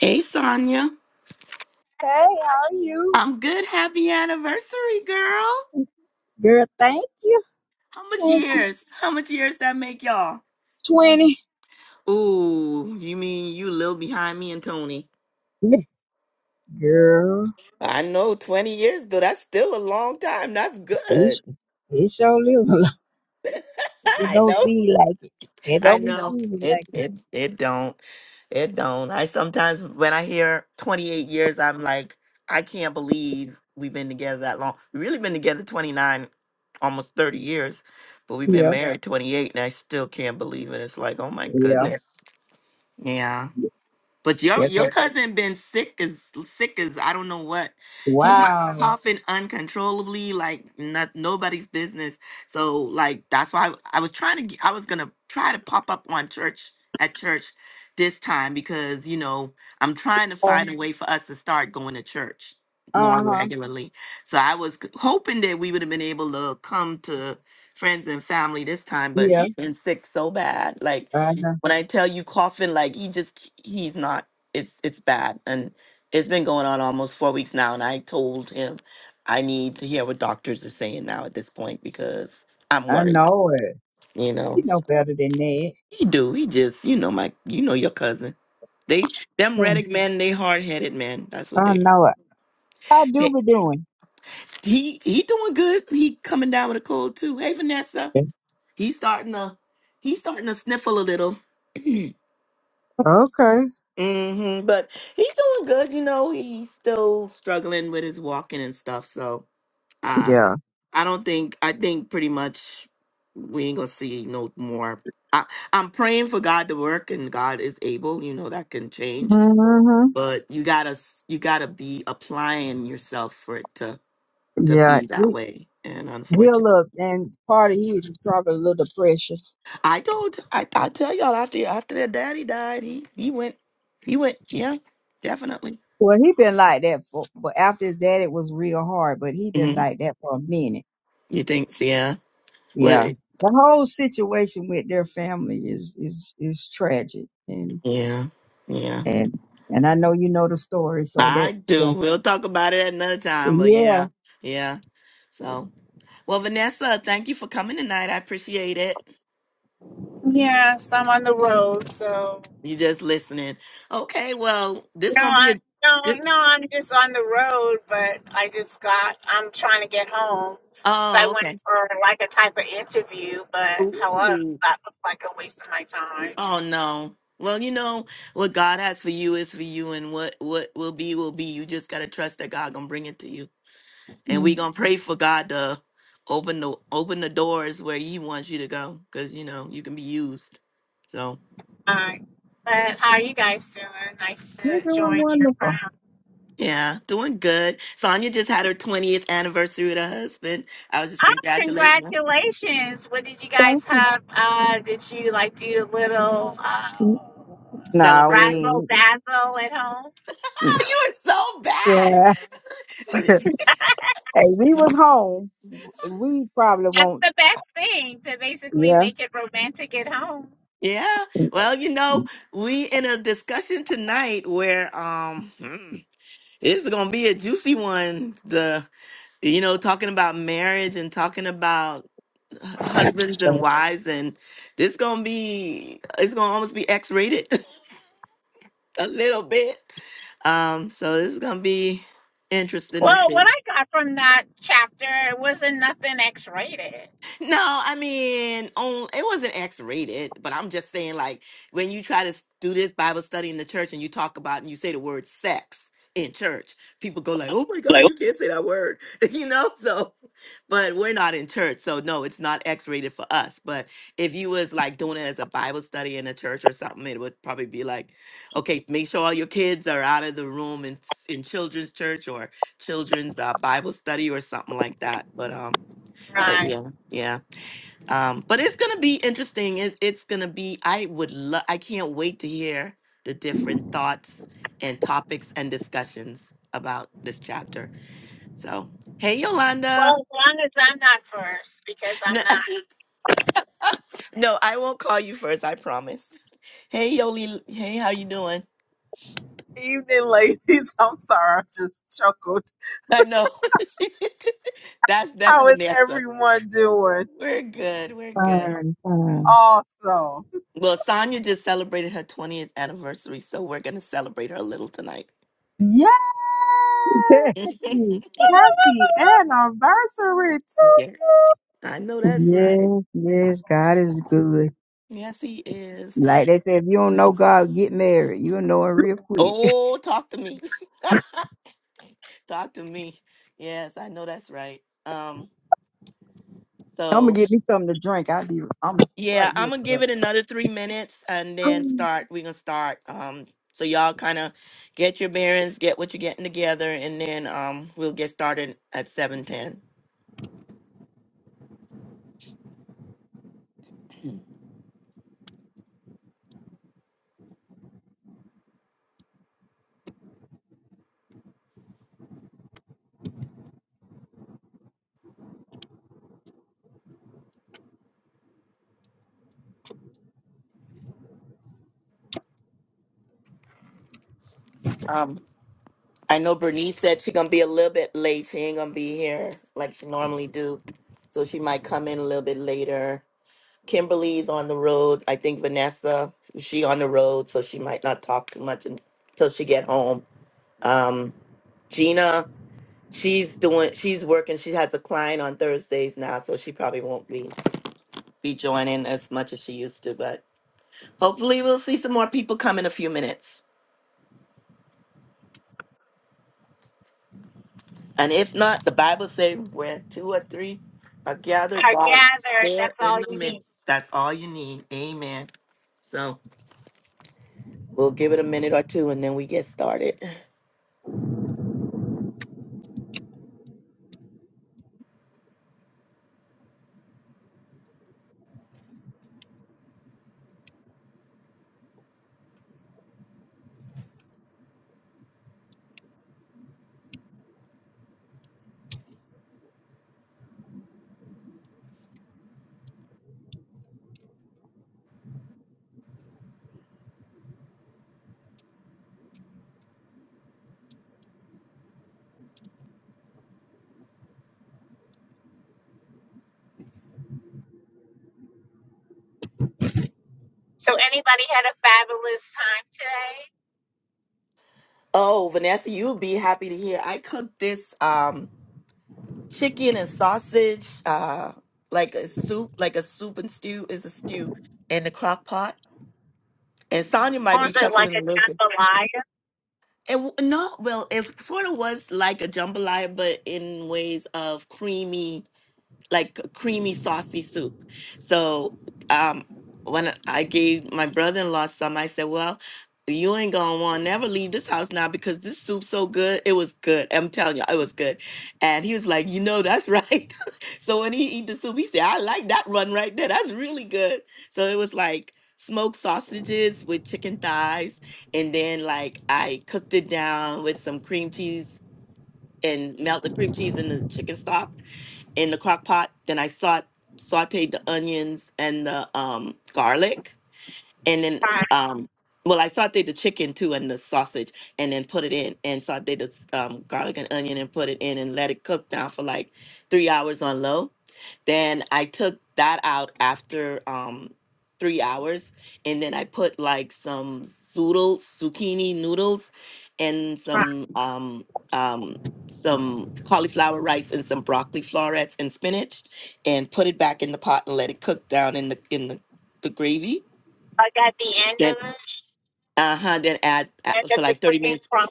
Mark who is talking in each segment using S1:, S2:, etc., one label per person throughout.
S1: Hey, Sonia.
S2: Hey, how are you?
S1: I'm good. Happy anniversary, girl.
S2: Girl, thank you.
S1: How much
S2: Thank you.
S1: years? How much years that make y'all?
S2: 20.
S1: Ooh, you mean you little behind me and Tony?
S2: Girl,
S1: I know, 20 years, though. That's still a long time. That's
S2: it
S1: good.
S2: su- it sure lives a lot. It
S1: I
S2: don't
S1: know.
S2: seem like it. It
S1: I
S2: don't be
S1: know.
S2: feeling
S1: It
S2: like it.
S1: it it don't. It don't. I sometimes when I hear 28 years, I'm like, I can't believe we've been together that long. We've really been together 29, almost 30 years, but we've been Yeah.
S2: Yeah,
S1: married 28, and I still can't believe it. It's like, oh my
S2: yeah.
S1: goodness. Yeah. But your
S2: Yeah,
S1: your Yeah.
S2: 'cause-
S1: cousin been sick as sick as I don't know what. He's Wow.
S2: wow.
S1: coughing uncontrollably, like not nobody's business. So like that's why I, was trying to g- I was gonna try to pop up on church at church this time because you know I'm trying to
S2: Uh
S1: find a way for us to start going to church more Mhm.
S2: huh.
S1: regularly. So I was c- hoping that we would have been able to come to friends and family this time, but
S2: Yeah,
S1: he's been sick so bad, like.
S2: I know.
S1: When I tell you coughing, like he just he's not. It's it's bad, and it's been going on almost four weeks now. And I told him I need to hear what doctors are saying now at this point because I'm
S2: I
S1: worried.
S2: know it.
S1: You know,
S2: You know
S1: so
S2: better than that.
S1: he do. He just you know my you know your cousin. They them
S2: Yeah,
S1: Reddick men, they hard headed men. That's what
S2: I
S1: they.
S2: know it. I do
S1: Hey,
S2: be doing.
S1: He he doing good. He coming down with a cold too. Hey Vanessa, he's starting to he's starting to sniffle a little.
S2: Okay.
S1: hmm But he's doing good, you know. He's still struggling with his walking and stuff. So uh,
S2: Yeah.
S1: I don't think I think pretty much we ain't gonna see no more. I, I'm praying for God to work, and God is able. You know that can change,
S2: Mm-hmm.
S1: but you gotta s- you gotta be applying yourself for it to to
S2: Yeah.
S1: be that
S2: He,
S1: way. And
S2: he a
S1: unfortunately,
S2: little, and part of you is probably a little depression.
S1: I told I I tell y'all after after their daddy died, he he went he went yeah definitely.
S2: Well, he been like that for, but after his dad, it was real hard. But he been
S1: hmm
S2: like that for a minute.
S1: You think? so, Yeah.
S2: Yeah,
S1: Well,
S2: the whole situation with their family is is is tragic, and
S1: Yeah, yeah,
S2: and and I know you know the story, so
S1: I
S2: that
S1: do.
S2: the
S1: We'll talk about it another time, but
S2: yeah,
S1: yeah, yeah. So, well, Vanessa, thank you for coming tonight. I appreciate it.
S3: Yes, I'm on the road, so
S1: You just listening. Okay, well, this
S3: no,
S1: gonna be
S3: I
S1: a. This,
S3: no, no, I'm just on the road, but I just got I'm trying to get home. So I
S1: oh,
S3: went
S1: okay.
S3: for like a type of interview, but hello,
S1: Ooh.
S3: that looked like a waste of my time.
S1: Oh no. Well, you know what God has for you is for you, and what what will be will be. You just gotta trust that God gonna bring it to you, and we
S2: Mm.
S1: gonna pray for God to open the open the doors where He wants you to go, because you know you can be used. So.
S3: Alright. But how are you guys doing? Nice
S2: you're
S3: to
S2: doing
S3: join your
S2: wonderful.
S3: crowd.
S1: Yeah, doing good. Sonia just had her 20th anniversary with her husband. I was just
S3: Oh,
S1: congratulating her.
S3: congratulations. What did you
S2: Thank
S3: guys
S2: you.
S3: have? Uh did you like do a little uh
S2: No, we
S1: Celebration.
S3: razzle
S2: ain't-
S3: dazzle at home?
S1: Oh, you
S2: yeah.
S1: are so bad.
S2: hey, we was home. We probably
S3: That's
S2: won't.
S3: the best thing to basically
S2: Yeah,
S3: make it romantic at home.
S1: yeah.
S2: Mm.
S1: Well, you know, we in a discussion tonight where um hmm, this is gonna be a juicy one. The you know, talking about marriage and talking about h- husbands and wives and this gonna be it's gonna almost be X rated a little bit. Um, so this is gonna be interesting to
S3: Well, what
S1: see.
S3: I got from that chapter it wasn't nothing X rated.
S1: No, I mean, on it wasn't X rated, but I'm just saying, like, when you try to s- do this Bible study in the church and you talk about and you say the word sex in church, people go like, "Oh my God, you can't say that word," you know. So, but we're not in church, so no, it's not X rated for us. But if you was like doing it as a Bible study in a church or something, it would probably be like, okay, make sure all your kids are out of the room in s- in children's church or children's uh, Bible study or something like that. But um, but
S3: Right.
S1: yeah, yeah. Um, but it's gonna be interesting. It's it's gonna be. I would love. I can't wait to hear the different thoughts and topics and discussions about this chapter. So, hey
S3: Well,
S1: Yolanda.
S3: as long as I'm not first, because
S1: No,
S3: I'm not.
S1: no, I won't call you first. I promise. Hey Yoli. Hey, how you doing?
S4: evening, ladies. I'm sorry, I just chuckled.
S1: I know. that's that's
S4: How is
S1: Vanessa.
S4: everyone doing?
S1: We're good. We're good.
S2: fine, fine.
S4: Awesome.
S1: Well, Sonia just celebrated her 20th anniversary, so we're gonna celebrate her a little tonight.
S4: Yay!
S2: yes,
S4: Happy anniversary,
S1: Yes,
S4: Tutu.
S1: I know that's right.
S2: yes, God is good.
S1: Yes, he is.
S2: Like they say, if you don't know God, get married. You'll know it real quick.
S1: Oh, talk to me. talk to me. Yes, I know that's right. Um,
S2: I'm gonna
S1: so
S2: get me something to drink. I'll be. I'm right
S1: yeah, I'm
S2: here.
S1: gonna give it another three minutes and then start. We're gonna start. Um, so y'all kind of get your bearings, get what you're getting together, and then um, we'll get started at seven ten. Um, I know Bernice said she's gonna be a little bit late. She ain't gonna be here like she normally do, so she might come in a little bit later Kimberly's on the road. I think Vanessa, she on the road, so she might not talk too much until she get home. Um, Gina, she's doing, she's working. She has a client on Thursdays now, so she probably won't be be joining as much as she used to. But hopefully, we'll see some more people come in a few minutes. And if not, the Bible says, where two or three are gathered,
S3: I
S1: God is
S3: gathered
S1: there
S3: that's
S1: in
S3: all
S1: the
S3: you need.
S1: midst. That's all you need. Amen. So we'll give it a minute or two, and then we get started.
S3: So, anybody had a fabulous time today?
S1: Oh, Vanessa, you'll be happy to hear. I cooked this um chicken and sausage, uh like a soup, like a soup and stew is a stew in the crock pot. And Sonya
S3: Or
S1: might be
S3: was it like
S1: chuckling
S3: a
S1: and listening.
S3: jambalaya?
S1: It w- no, well, it sort of was like a jambalaya, but in ways of creamy like a creamy, saucy soup. So um, when I gave my brother-in-law some, I said, "Well, you ain't gonna want never leave this house now because this soup's so good. It was good. I'm telling you, it was good." And he was like, "You know, that's right." so when he eat the soup, he said, "I like that one right there. That's really good." So it was like smoked sausages with chicken thighs, and then like I cooked it down with some cream cheese and melt the cream cheese in the chicken stock in the crock pot. Then I saute, sauteed the onions and the um, garlic and then
S3: Right,
S1: um well i sauteed the chicken too and the sausage and then put it in and sauteed the s- um, garlic and onion and put it in and let it cook down for like three hours on low then i took that out after um three hours and then i put like some zoodle zucchini noodles and
S3: right.
S1: some um um some cauliflower rice and some broccoli florets and spinach and put it back in the pot and let it cook down in the in the, the gravy
S3: Like at the end of it,
S1: uh-huh. Then add add
S3: end
S1: for
S3: of the
S1: like 30
S3: cooking
S1: minutes.
S3: from.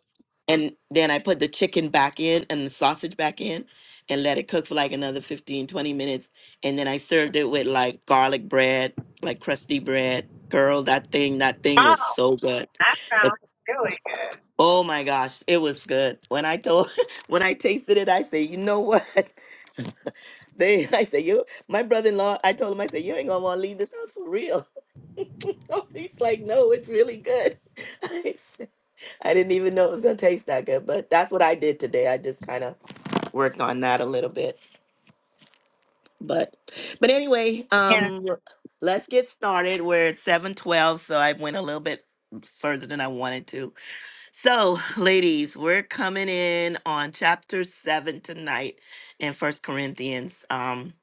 S1: And then I put the chicken back in and the sausage back in and let it cook for like another 15, 20 minutes. And then I served it with like garlic bread, like crusty bread. Girl, that thing, that thing was
S3: Oh,
S1: so good.
S3: that
S1: The-
S3: sounds really good.
S1: Oh my gosh, it was good. When I told when I tasted it, I say, you know what? They I say, you my brother-in-law, I told him, I said, you ain't gonna wanna leave this house for real. He's like, no, it's really good. I didn't even know it was gonna taste that good, but that's what I did today. I just kind of worked on that a little bit. But but anyway,
S3: Yeah.
S1: um let's get started. We're at 712, so I went a little bit further than I wanted to. So, ladies, we're coming in on chapter seven tonight in First Corinthians. Um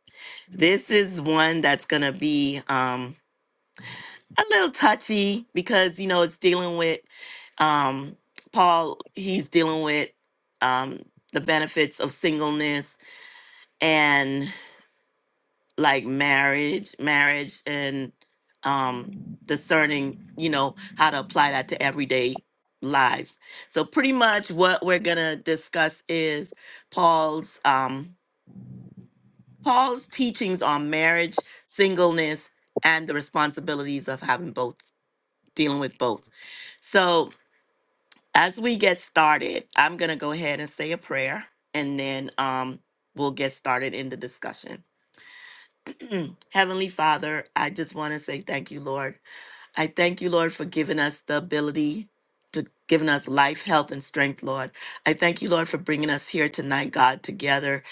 S1: this is one that's gonna be um a little touchy because you know it's dealing with um Paul he's dealing with um the benefits of singleness and like marriage marriage and um discerning you know how to apply that to everyday lives so pretty much what we're gonna discuss is Paul's um Paul's teachings on marriage singleness and the responsibilities of having both dealing with both so As we get started, I'm going to go ahead and say a prayer and then um, we'll get started in the discussion. Heavenly Father, I just want to say thank you, Lord. I thank you, Lord, for giving us the ability to giving us life, health, and strength, Lord. I thank you, Lord, for bringing us here tonight, God, together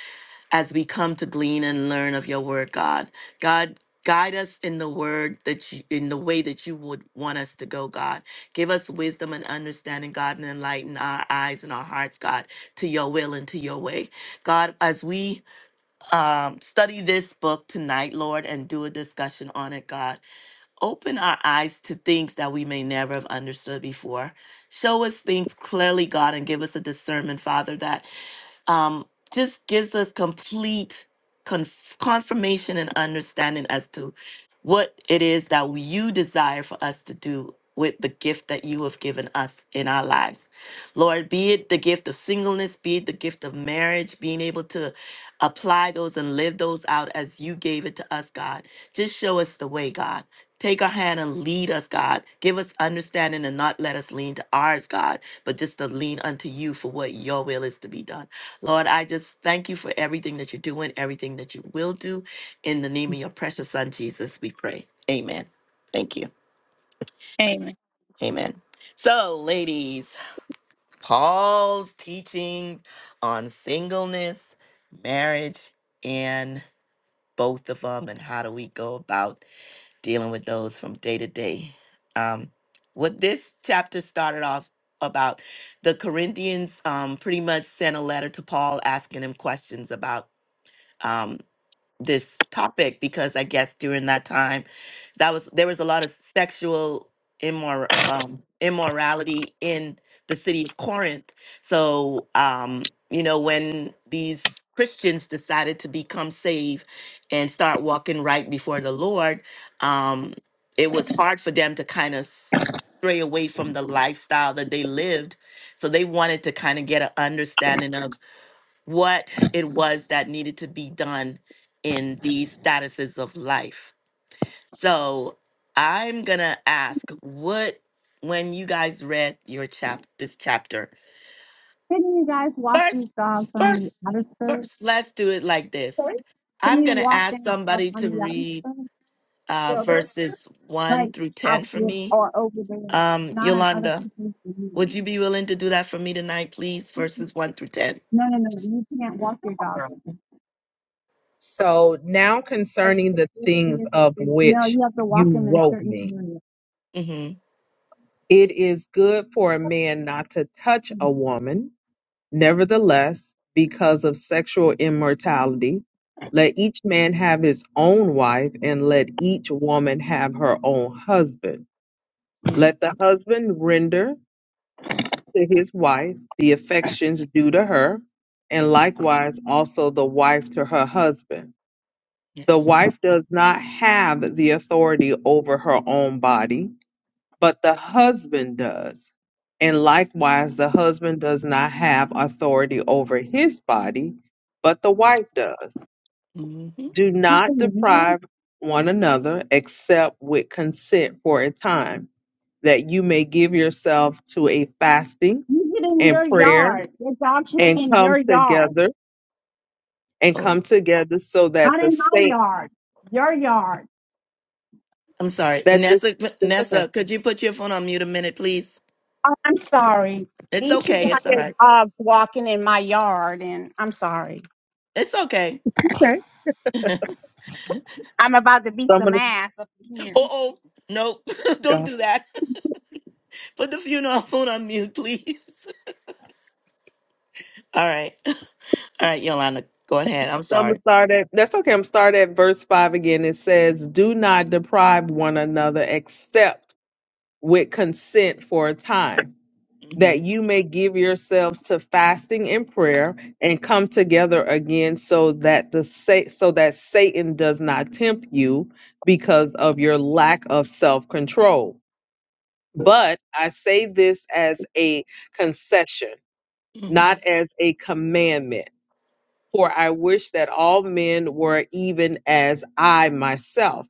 S1: as we come to glean and learn of your word, God. God, guide us in the word that you, in the way that you would want us to go, God. Give us wisdom and understanding, God, and enlighten our eyes and our hearts, God, to your will and to your way. God, as we um, study this book tonight, Lord, and do a discussion on it, God, open our eyes to things that we may never have understood before. Show us things clearly, God, and give us a discernment, Father, that um, just gives us complete conf- confirmation and understanding as to what it is that you desire for us to do with the gift that you have given us in our lives. Lord, be it the gift of singleness, be it the gift of marriage, being able to apply those and live those out as you gave it to us, God. Just show us the way, God. Take our hand and lead us, God. Give us understanding and not let us lean to ours, God, but just to lean unto you for what your will is to be done. Lord, I just thank you for everything that you're doing, everything that you will do. In the name of your precious son, Jesus, we pray. Amen. Thank you.
S3: Amen.
S1: Amen. So, ladies, Paul's teachings on singleness, marriage, and both of them, and how do we go about dealing with those from day to day. Um, what this chapter started off about, the Corinthians um, pretty much sent a letter to Paul asking him questions about. um, this topic because I guess during that time, that was there was a lot of sexual immor- um, immorality in the city of Corinth. So um, you know when these Christians decided to become saved and start walking right before the Lord, um, it was hard for them to kind of stray away from the lifestyle that they lived. So they wanted to kind of get an understanding what it was that needed to be done in these statuses of life. So I'm gonna ask what when you guys read your chap this chapter.
S3: Didn't you guys walk these
S1: First,
S3: dogs on
S1: first,
S3: the outer skirt?
S1: first, let's do it like this.
S3: Sorry? Can
S1: I'm
S3: you
S1: gonna
S3: walk
S1: ask
S3: them up
S1: somebody to
S3: on the other
S1: read
S3: side?
S1: uh
S3: No, there's
S1: verses one
S3: like
S1: through ten
S3: out
S1: for
S3: here
S1: me.
S3: or over there,
S1: Um,
S3: not on other
S1: Yolanda,
S3: people's land.
S1: would you be willing to do that for me tonight, please? Verses one through ten.
S3: No, no, no, you can't walk your dog. in
S4: So now concerning the things
S3: there.
S4: of
S3: No,
S4: which
S3: you have to walk
S4: you
S3: them in a
S4: wrote
S3: certain
S4: me.
S3: area.
S1: Mm-hmm.
S4: It is good for a man not to touch a woman, Nevertheless, because of sexual immortality, let each man have his own wife, and let each woman have her own husband. Let the
S1: Mm-hmm.
S4: husband render to his wife the affections due to her, and likewise also the wife to her husband. The
S1: Yes.
S4: wife does not have the authority over her own body but the husband does. And likewise, the husband does not have authority over his body, but the wife does.
S1: Mm-hmm.
S4: Do not deprive one another except with consent for a time, that you may give yourself to a fasting
S3: You get in
S4: and
S3: your
S4: prayer
S3: yard. Your dog should
S4: and
S3: be in your
S4: come
S3: yard,
S4: together and come together so that
S3: not
S4: the
S3: in my
S4: saint
S3: yard. Your yard.
S1: I'm sorry,
S4: that the
S1: Vanessa.
S4: it's okay.
S1: Vanessa, could you put your phone on mute a minute, please?
S3: Oh, I'm sorry.
S1: It's
S3: These two
S1: okay. It's all
S3: hundred
S1: right.
S3: dogs walking in my yard, and I'm sorry.
S1: It's okay.
S4: Okay.
S3: I'm about to
S4: So
S3: beat
S4: I'm
S3: some
S4: gonna
S3: ass up in here.
S1: Oh, oh, no, don't
S4: go.
S1: do that. Put the funeral phone on mute, please. All right, all right, Yolanda, go ahead. I'm
S4: So I'm
S1: sorry.
S4: gonna start at that's okay. I'm start at verse five again. It says, "Do not deprive one another, except with consent for a time,
S1: hmm
S4: that you may give yourselves to fasting and prayer, and come together again, so that the sa- so that Satan does not tempt you because of your lack of self control." But I say this as a concession,
S1: hmm
S4: not as a commandment for I wish that all men were even as I myself,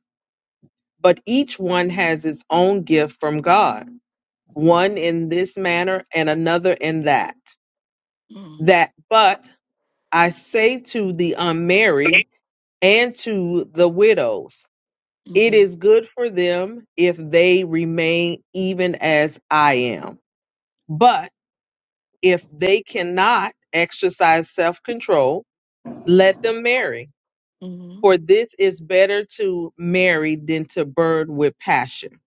S4: but each one has his own gift from God, one in this manner and another in that.
S1: hmm
S4: That but I say to the unmarried and to the widows, it
S1: hmm
S4: is good for them if they remain even as I am. But if they cannot exercise self control, let them marry
S1: hmm
S4: For this is better to marry than to burn with passion.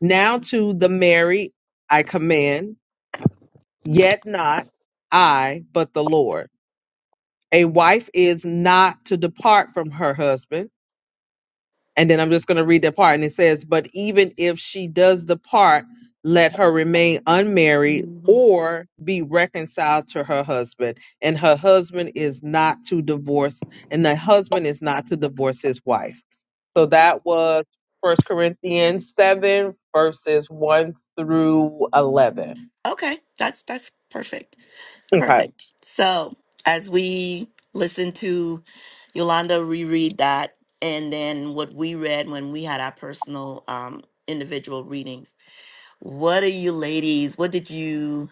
S4: Now to the married I command, yet not I, but the Lord. A wife is not to depart from her husband And then I'm just going to read that part. And it says, But even if she does depart, let her remain unmarried
S1: hmm
S4: or be reconciled to her husband. And her husband is not to divorce, and the husband is not to divorce his wife. So
S1: Okay.
S4: that was First Corinthians 7, verses 1 through 11.
S1: Okay. That's that's perfect.
S4: Okay.
S1: Perfect. So as we listen to Yolanda reread that, and then what we read when we had our personal um, individual readings, what are you ladies? What did you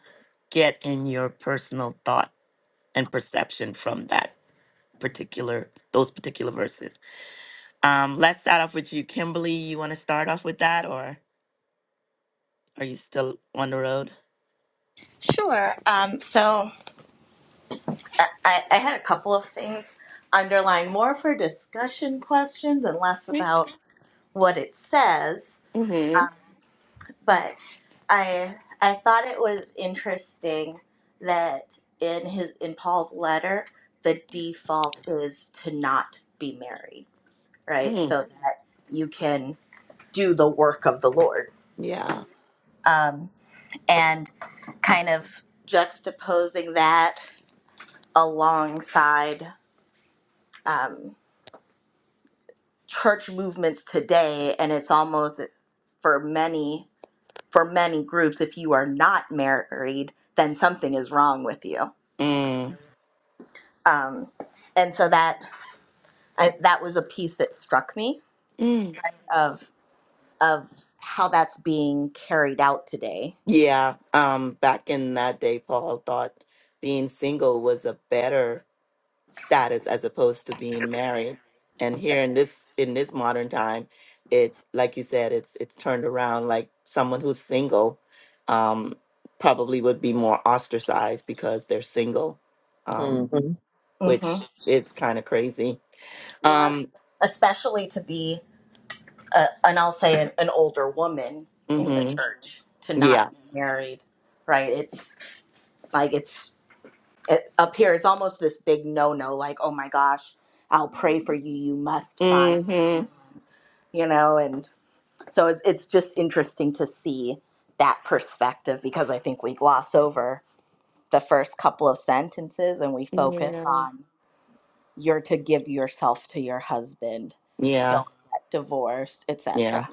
S1: get in your personal thought and perception from that particular those particular verses? Um, let's start off with you, Kimberly. You want to start off with that, or are you still on the road?
S5: Sure. Um, so I, I had a couple of things underlying more for discussion questions and less about what it says,
S1: Mm-hmm.
S5: but I I thought it was interesting that in his in Paul's letter the default is to not be married, right?
S1: Mm,
S5: So that you can do the work of the Lord.
S1: yeah.
S5: Um, and kind of juxtaposing that alongside. um, church movements today and it's almost eh, for many for many groups if you are not married then something is wrong with you
S1: Mm.
S5: um, and so that I, that was a piece that struck me of of how that's being carried out today
S1: Yeah, um, back in that day, Paul thought being single was a better status as opposed to being married. And here in this in this modern time, it like you said, it's it's turned around. Like someone who's single, um, probably would be more ostracized because they're single,
S4: hmm
S1: um,
S5: hmm
S1: which is kind of crazy. Um,
S5: especially to be a, and i'll say an, an older woman in the
S1: hmm
S5: church to not
S1: yeah.
S5: be married right it's like it's it, up here it's almost this big no no like oh my gosh i'll pray for you you must find
S1: hmm
S5: you know and so it's, it's just interesting to see that perspective because i think we gloss over the first couple of sentences and we focus
S1: Yeah.
S5: on you're to give yourself to your husband
S1: Yeah.
S5: don't get divorced
S1: yeah.
S5: etc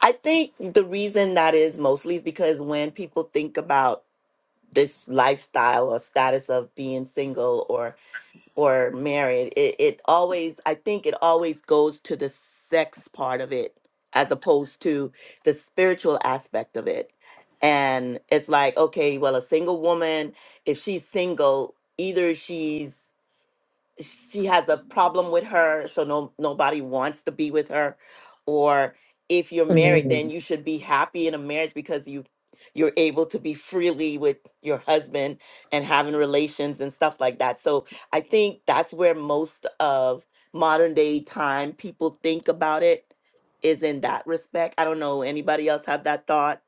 S1: I think the reason that is mostly is because when people think about this lifestyle or status of being single or or married, it, it always I think it always goes to the sex part of it as opposed to the spiritual aspect of it. And it's like, okay, well, a single woman, if she's single, either she's she has a problem with her so no nobody wants to be with her or if you're married
S4: hmm
S1: then you should be happy in a marriage because you you're able to be freely with your husband and having relations and stuff like that so i think that's where most of modern day time people think about it is in that respect i don't know anybody else have that thought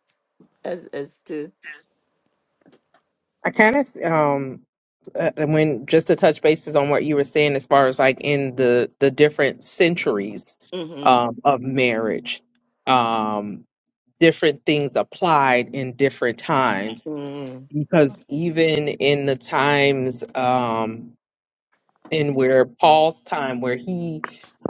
S1: as as to
S4: I kind of, um, uh, and when just to touch bases on what you were saying as far as like in the the different centuries
S1: mhm
S4: um, of marriage um, different things applied in different times
S1: mhm
S4: because even in the times um, in where Paul's time where he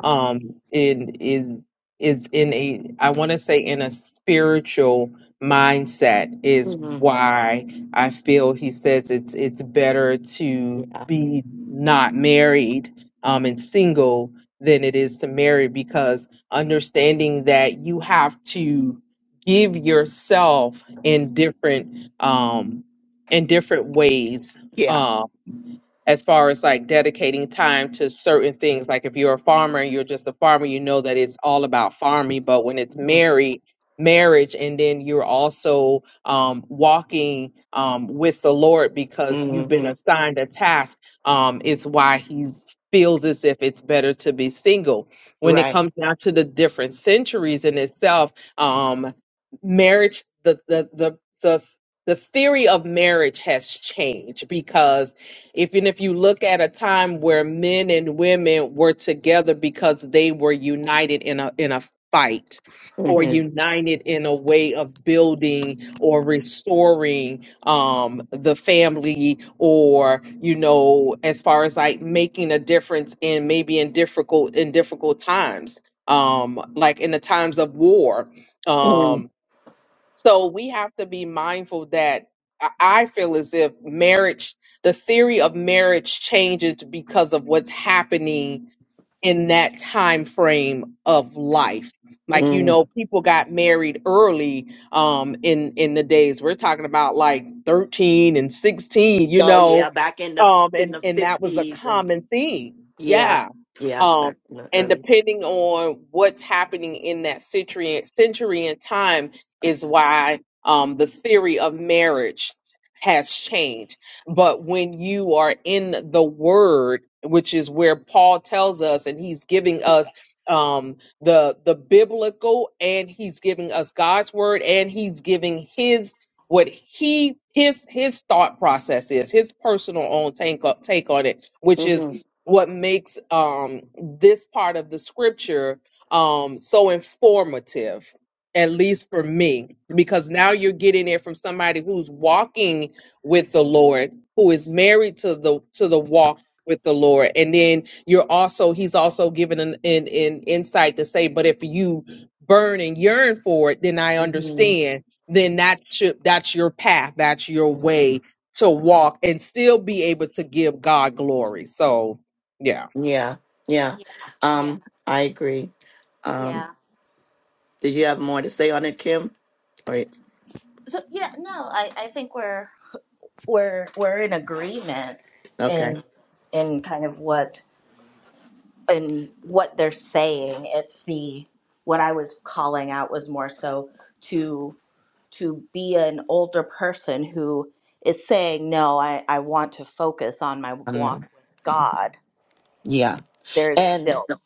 S4: um in is is in a I want to say in a spiritual mindset is
S1: mhm
S4: why I feel he says it's it's better to
S1: yeah
S4: be not married um and single than it is to marry because understanding that you have to give yourself in different um in different ways
S1: yeah
S4: um, as far as like dedicating time to certain things. Like if you're a farmer and you're just a farmer, you know that it's all about farming. But when it's
S1: mhm
S4: married, marriage, and then you're also um, walking um, with the Lord because you've been
S1: mhm
S4: assigned a task, um, it's why He's feels as if it's better to be single when it
S1: right
S4: comes down to the different centuries in itself um marriage the the the the, the theory of marriage has changed because even if you look at a time where men and women were together because they were united in a in a fight or
S1: mhm
S4: united in a way of building or restoring um the family or you know as far as like making a difference in maybe in difficult in difficult times um like in the times of war um
S1: Mm,
S4: so we have to be mindful that I I feel as if marriage, the theory of marriage changes because of what's happening in that time frame of life. Like you
S1: mm.
S4: know, people got married early um in in the days we're talking about like 13 and 16, you
S1: Oh
S4: know,
S1: yeah, back in the
S4: um
S1: in
S4: and
S1: the
S4: and that was a
S1: fifties and
S4: common theme
S1: yeah,
S4: yeah
S1: yeah,
S4: um
S1: back in the
S4: and
S1: early.
S4: depending on what's happening in that century century and time is why um the theory of marriage has changed but when you are in the word which is where paul tells us and he's giving us um the the biblical and he's giving us god's word and he's giving his what he his his thought process is his personal own take on, take on it which is
S1: hmm
S4: what makes um this part of the scripture um so informative at least for me because now you're getting it from somebody who's walking with the lord who is married to the to the walk with the lord and then you're also he's also given an, an, an insight to say but if you burn and yearn for it then i
S1: hmm
S4: understand then that should that's your path that's your way to walk and still be able to give god glory so yeah
S1: Yeah, yeah.
S5: yeah yeah
S1: Um, I agree. Um,
S5: yeah
S1: did you have more to say on it, Kim? Or
S5: so yeah no i i think we're we're we're in agreement
S1: okay,
S5: in in kind of what and what they're saying it's the what i was calling out was more so to to be an older person who is saying no i i want to focus on my
S1: one more.
S5: walk with god
S1: Yeah.
S5: there's
S1: And
S5: still
S1: No.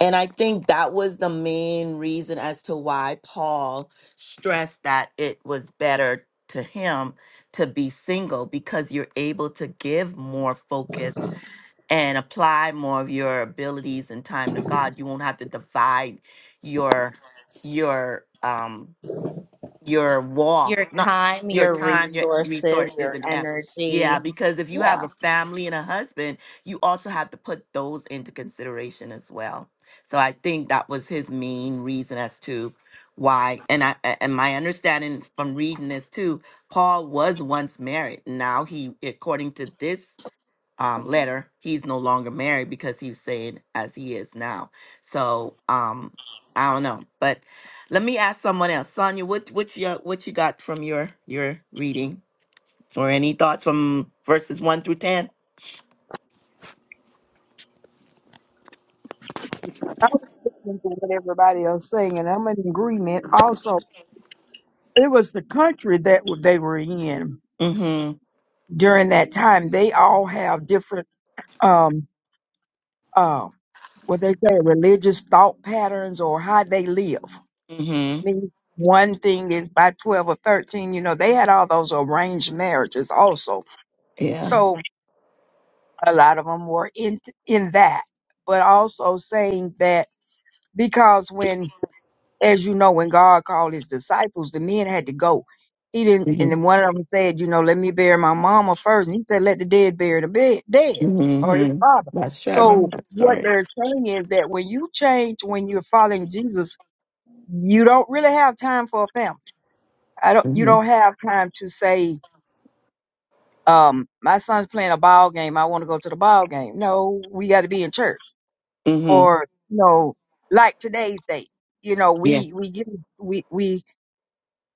S1: and I think that was the main reason as to why Paul stressed that it was better to him to be single because you're able to give more focus and apply more of your abilities and time to God. You won't have to divide your your um your
S5: your
S1: walk, not
S5: time
S1: your
S5: your
S1: time, your
S5: resources
S1: resources
S5: your
S1: and effort. Yeah,
S5: energy
S1: because if you
S5: yeah
S1: have a family and a husband, you also have to put those into consideration as well. So I think that was his main reason as to why and I a- and my understanding from reading this too, Paul was once married. Now he according to this um, letter, he's no longer married because he's saying as he is now. So um, I don't know, but let me ask someone else. Sonia, what what your? what you got from your your reading, or any thoughts from verses one through ten?
S2: I was listening to what everybody else saying, and I'm in agreement. Also, it was the country that w- they were in
S1: Mm-hmm.
S2: during that time. They all have different, um, uh, what they say, religious thought patterns or how they live.
S1: Mm-hmm.
S2: Me, One thing is by 12 or 13, you know, they had all those arranged marriages also.
S1: Yeah.
S2: So, a lot of them were in in that, but also saying that because when, as you know, when God called his disciples, the men had to go. He didn't, and then
S1: Mm-hmm.
S2: one of them said, you know, let me bury my mama first, and he said, let the dead bury the bed, dead or his
S1: Mm-hmm.
S2: father.
S1: That's true. I
S2: So
S1: remember that
S2: what
S1: story.
S2: they're saying is that when you change, when you're following Jesus, you don't really have time for a family. I don't. You
S1: Mm-hmm.
S2: don't have time to say, um, my son's playing a ball game. I want to go to the ball game. No, we got to be in church
S1: Mm-hmm.
S2: or you know like today's date you know
S1: Yeah.
S2: we we use- we we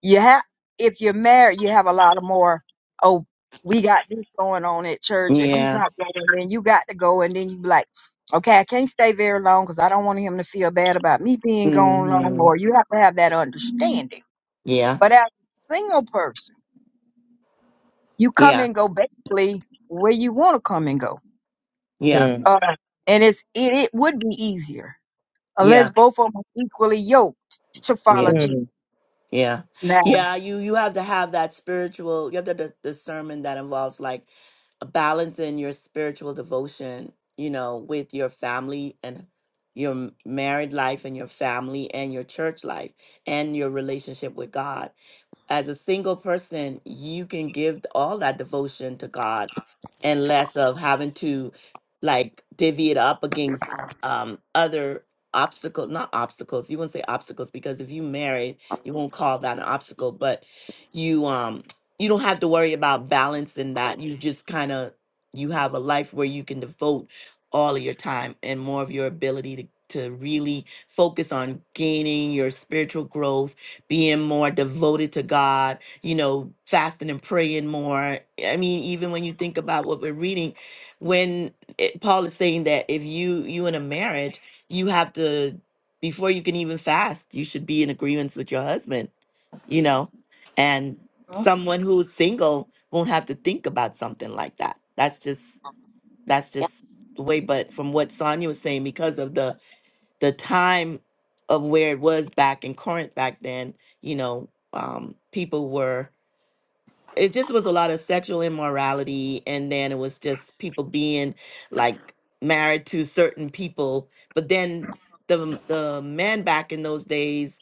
S2: you have if you're married you have a lot of more oh we got this going on at church if he's
S1: Yeah.
S2: not going then you got to go and then you be like okay i can't stay very long because i don't want him to feel bad about me being gone long
S1: Mm-hmm.
S2: or you have to have that understanding
S1: Yeah.
S2: but as a single person you come
S1: Yeah.
S2: and go basically where you want to come and go
S1: Yeah.
S4: Mm.
S2: uh, and it's it, it would be easier unless
S1: Yeah.
S2: both of them are equally yoked to
S1: Yeah.
S2: follow Jesus.
S1: Yeah.
S2: Now,
S1: Yeah, you you have to have that spiritual, you have to the discernment that involves like a balancing your spiritual devotion, you know, with your family and your m- married life and your family and your church life and your relationship with God as a single person, you can give all that devotion to God and less of having to like divvy it up against um other obstacles, not obstacles. You wouldn't say obstacles because if you married, you won't call that an obstacle, but you um you don't have to worry about balancing that. You just kind of you have a life where you can devote all of your time and more of your ability to to really focus on gaining your spiritual growth being more devoted to God, you know, fasting and praying more. I mean, even when you think about what we're reading, when it, Paul is saying that if you you in a marriage, you have to before you can even fast, you should be in agreements with your husband, you know, and
S5: Mhm.
S1: someone who's single won't have to think about something like that. That's just that's
S5: yeah
S1: just the way. But from what Sonia was saying, because of the the time of where it was back in Corinth back then, you know, um, people were it just was a lot of sexual immorality and then it was just people being like married to certain people. But then the the men back in those days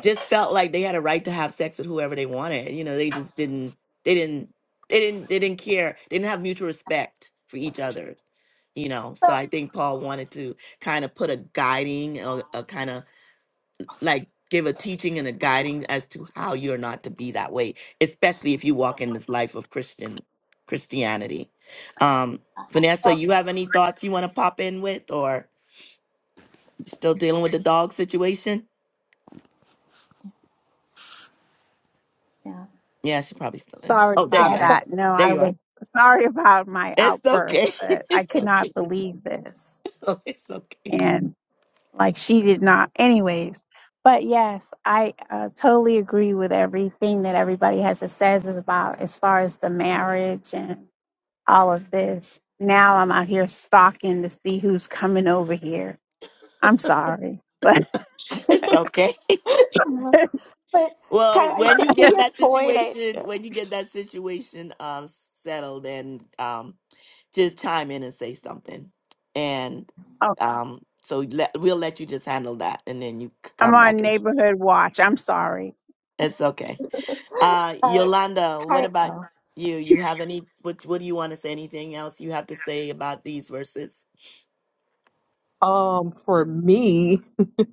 S1: just felt like they had a right to have sex with whoever they wanted. You know, they just didn't they didn't they didn't they didn't care. They didn't have mutual respect for each other, you know.
S5: So,
S1: So I think Paul wanted to kind of put a guiding, a, a kind of like give a teaching and a guiding as to how you're not to be that way, especially if you walk in this life of Christian Christianity. Um, Vanessa,
S5: so,
S1: you have any thoughts you want to pop in with, or you still dealing with the dog situation?
S5: yeah
S1: Yeah, she probably still is.
S3: Sorry
S1: Oh, there
S3: about
S1: you are.
S3: that. No,
S1: There
S3: I
S1: you are.
S3: was sorry about my
S1: It's
S3: outburst,
S1: okay.
S3: but I
S1: it's okay.
S3: cannot believe this.
S1: Oh, it's okay.
S3: and like she did not anyways but yes i uh, totally agree with everything that everybody has to says about as far as the marriage and all of this now i'm out here stalking to see who's coming over here i'm sorry but
S1: It's okay.
S5: but
S1: Well, when you get that situation, when you get that situation um settled and um just chime in and say something. And
S3: oh,
S1: um, so let, we'll let you just handle that, and then you c-
S3: i'm
S1: come back.
S3: on
S1: And,
S3: neighborhood watch i'm sorry
S1: it's okay. Uh,
S5: uh,
S1: Yolanda, what about you? You have any? What What do you want to say? Anything else you have to say about these verses?
S4: Um, for me,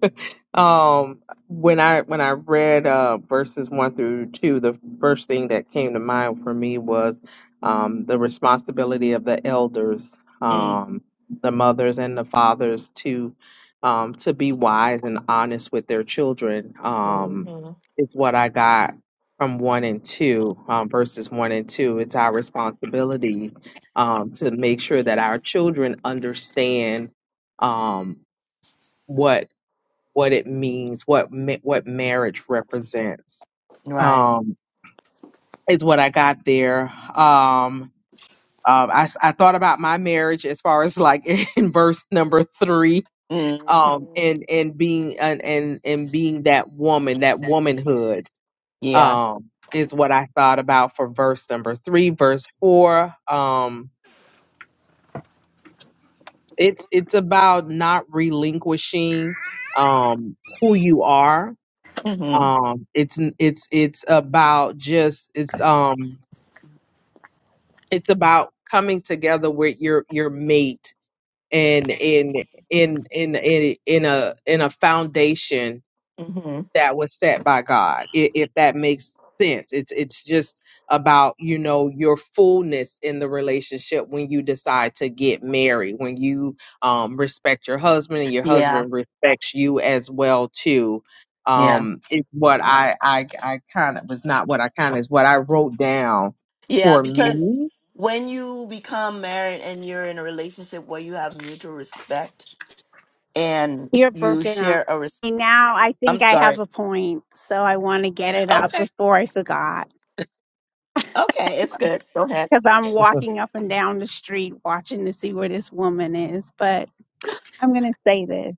S4: um, when I when I read uh verses one through two, the first thing that came to mind for me was um the responsibility of the elders,
S1: Mm,
S4: um, the mothers and the fathers to um to be wise and honest with their children. Um,
S1: hmm
S4: is what I got from one and two, um, verses one and two. It's our responsibility um to make sure that our children understand um, what what it means, what ma- what marriage represents,
S1: Right.
S4: um, is what I got there. Um, um, I s- I thought about my marriage as far as like in verse number three, um,
S1: hmm
S4: and and being and and, and being that woman, that womanhood,
S1: Yeah.
S4: um, is what I thought about for verse number three, verse four. Um, it's it's about not relinquishing um who you are
S1: hmm
S4: um it's it's it's about just it's um it's about coming together with your your mate and in in in in in a in a foundation
S1: hmm
S4: that was set by God, i- if that makes sense. It's it's just about, you know, your fullness in the relationship when you decide to get married, when you um respect your husband and your
S1: Yeah.
S4: husband respects you as well too.
S1: Yeah.
S4: Um is what I I I kind of was not what I kind of is what I wrote down
S1: Yeah.
S4: for
S1: Because
S4: me.
S1: when you become married and you're in a relationship where you have mutual respect and
S3: you're
S1: you
S3: broken up
S1: share a
S3: and now i
S1: I'm
S3: think i
S1: sorry.
S3: have a point so i want to get it out
S1: Okay.
S3: before i forgot
S1: Okay. It's good. Go ahead.
S3: because i'm walking up and down the street watching to see where this woman is but I'm going to say this.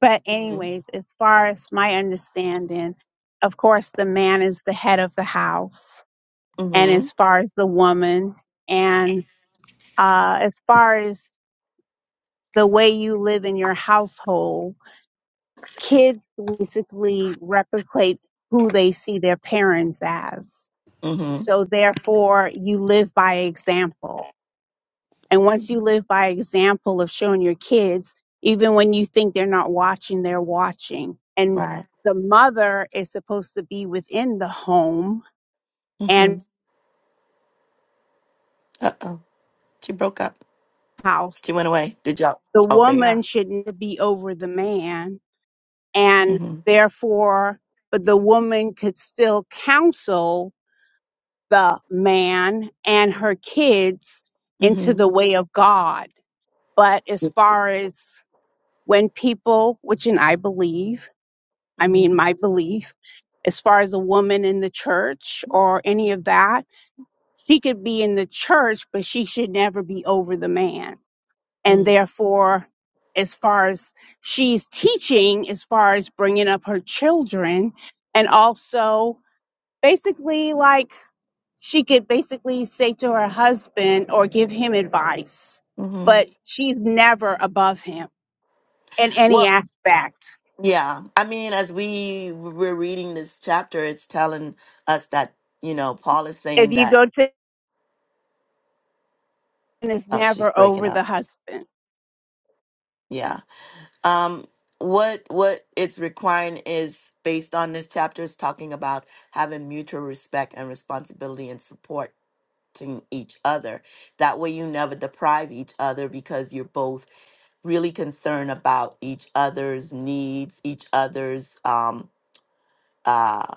S3: But,
S1: Mm-hmm.
S3: anyways, as far as my understanding, of course, the man is the head of the house. And
S1: Mm-hmm.
S3: as far as the woman, and uh, as far as the way you live in your household, kids basically replicate who they see their parents as.
S1: Mm-hmm.
S3: So, therefore, you live by example. And once you live by example of showing your kids, even when you think they're not watching, they're watching. And
S1: Right.
S3: the mother is supposed to be within the home
S1: Mm-hmm.
S3: and
S1: Uh-oh. She broke up.
S3: house.
S1: She went away. Did y'all?
S3: The
S1: Oh, there you are.
S3: woman shouldn't be over the man. And
S1: Mm-hmm.
S3: therefore, but the woman could still counsel the man and her kids into
S1: Mm-hmm.
S3: the way of God. But as far as when people, which and I believe, I mean,
S1: Mm-hmm.
S3: my belief as far as a woman in the church or any of that, she could be in the church, but she should never be over the man. And therefore, as far as she's teaching, as far as bringing up her children, and also basically like she could basically say to her husband or give him advice,
S1: Mm-hmm.
S3: but she's never above him in any
S1: Well,
S3: aspect.
S1: yeah. I mean, as we were reading this chapter, it's telling us that, you know, Paul is
S3: If
S1: saying
S3: you
S1: that,
S3: go to is
S1: oh, she's
S3: never
S1: breaking
S3: over
S1: up.
S3: the husband.
S1: Yeah. Um, what what it's requiring is based on this chapter is talking about having mutual respect and responsibility and supporting each other. That way, you never deprive each other because you're both really concerned about each other's needs, each other's um uh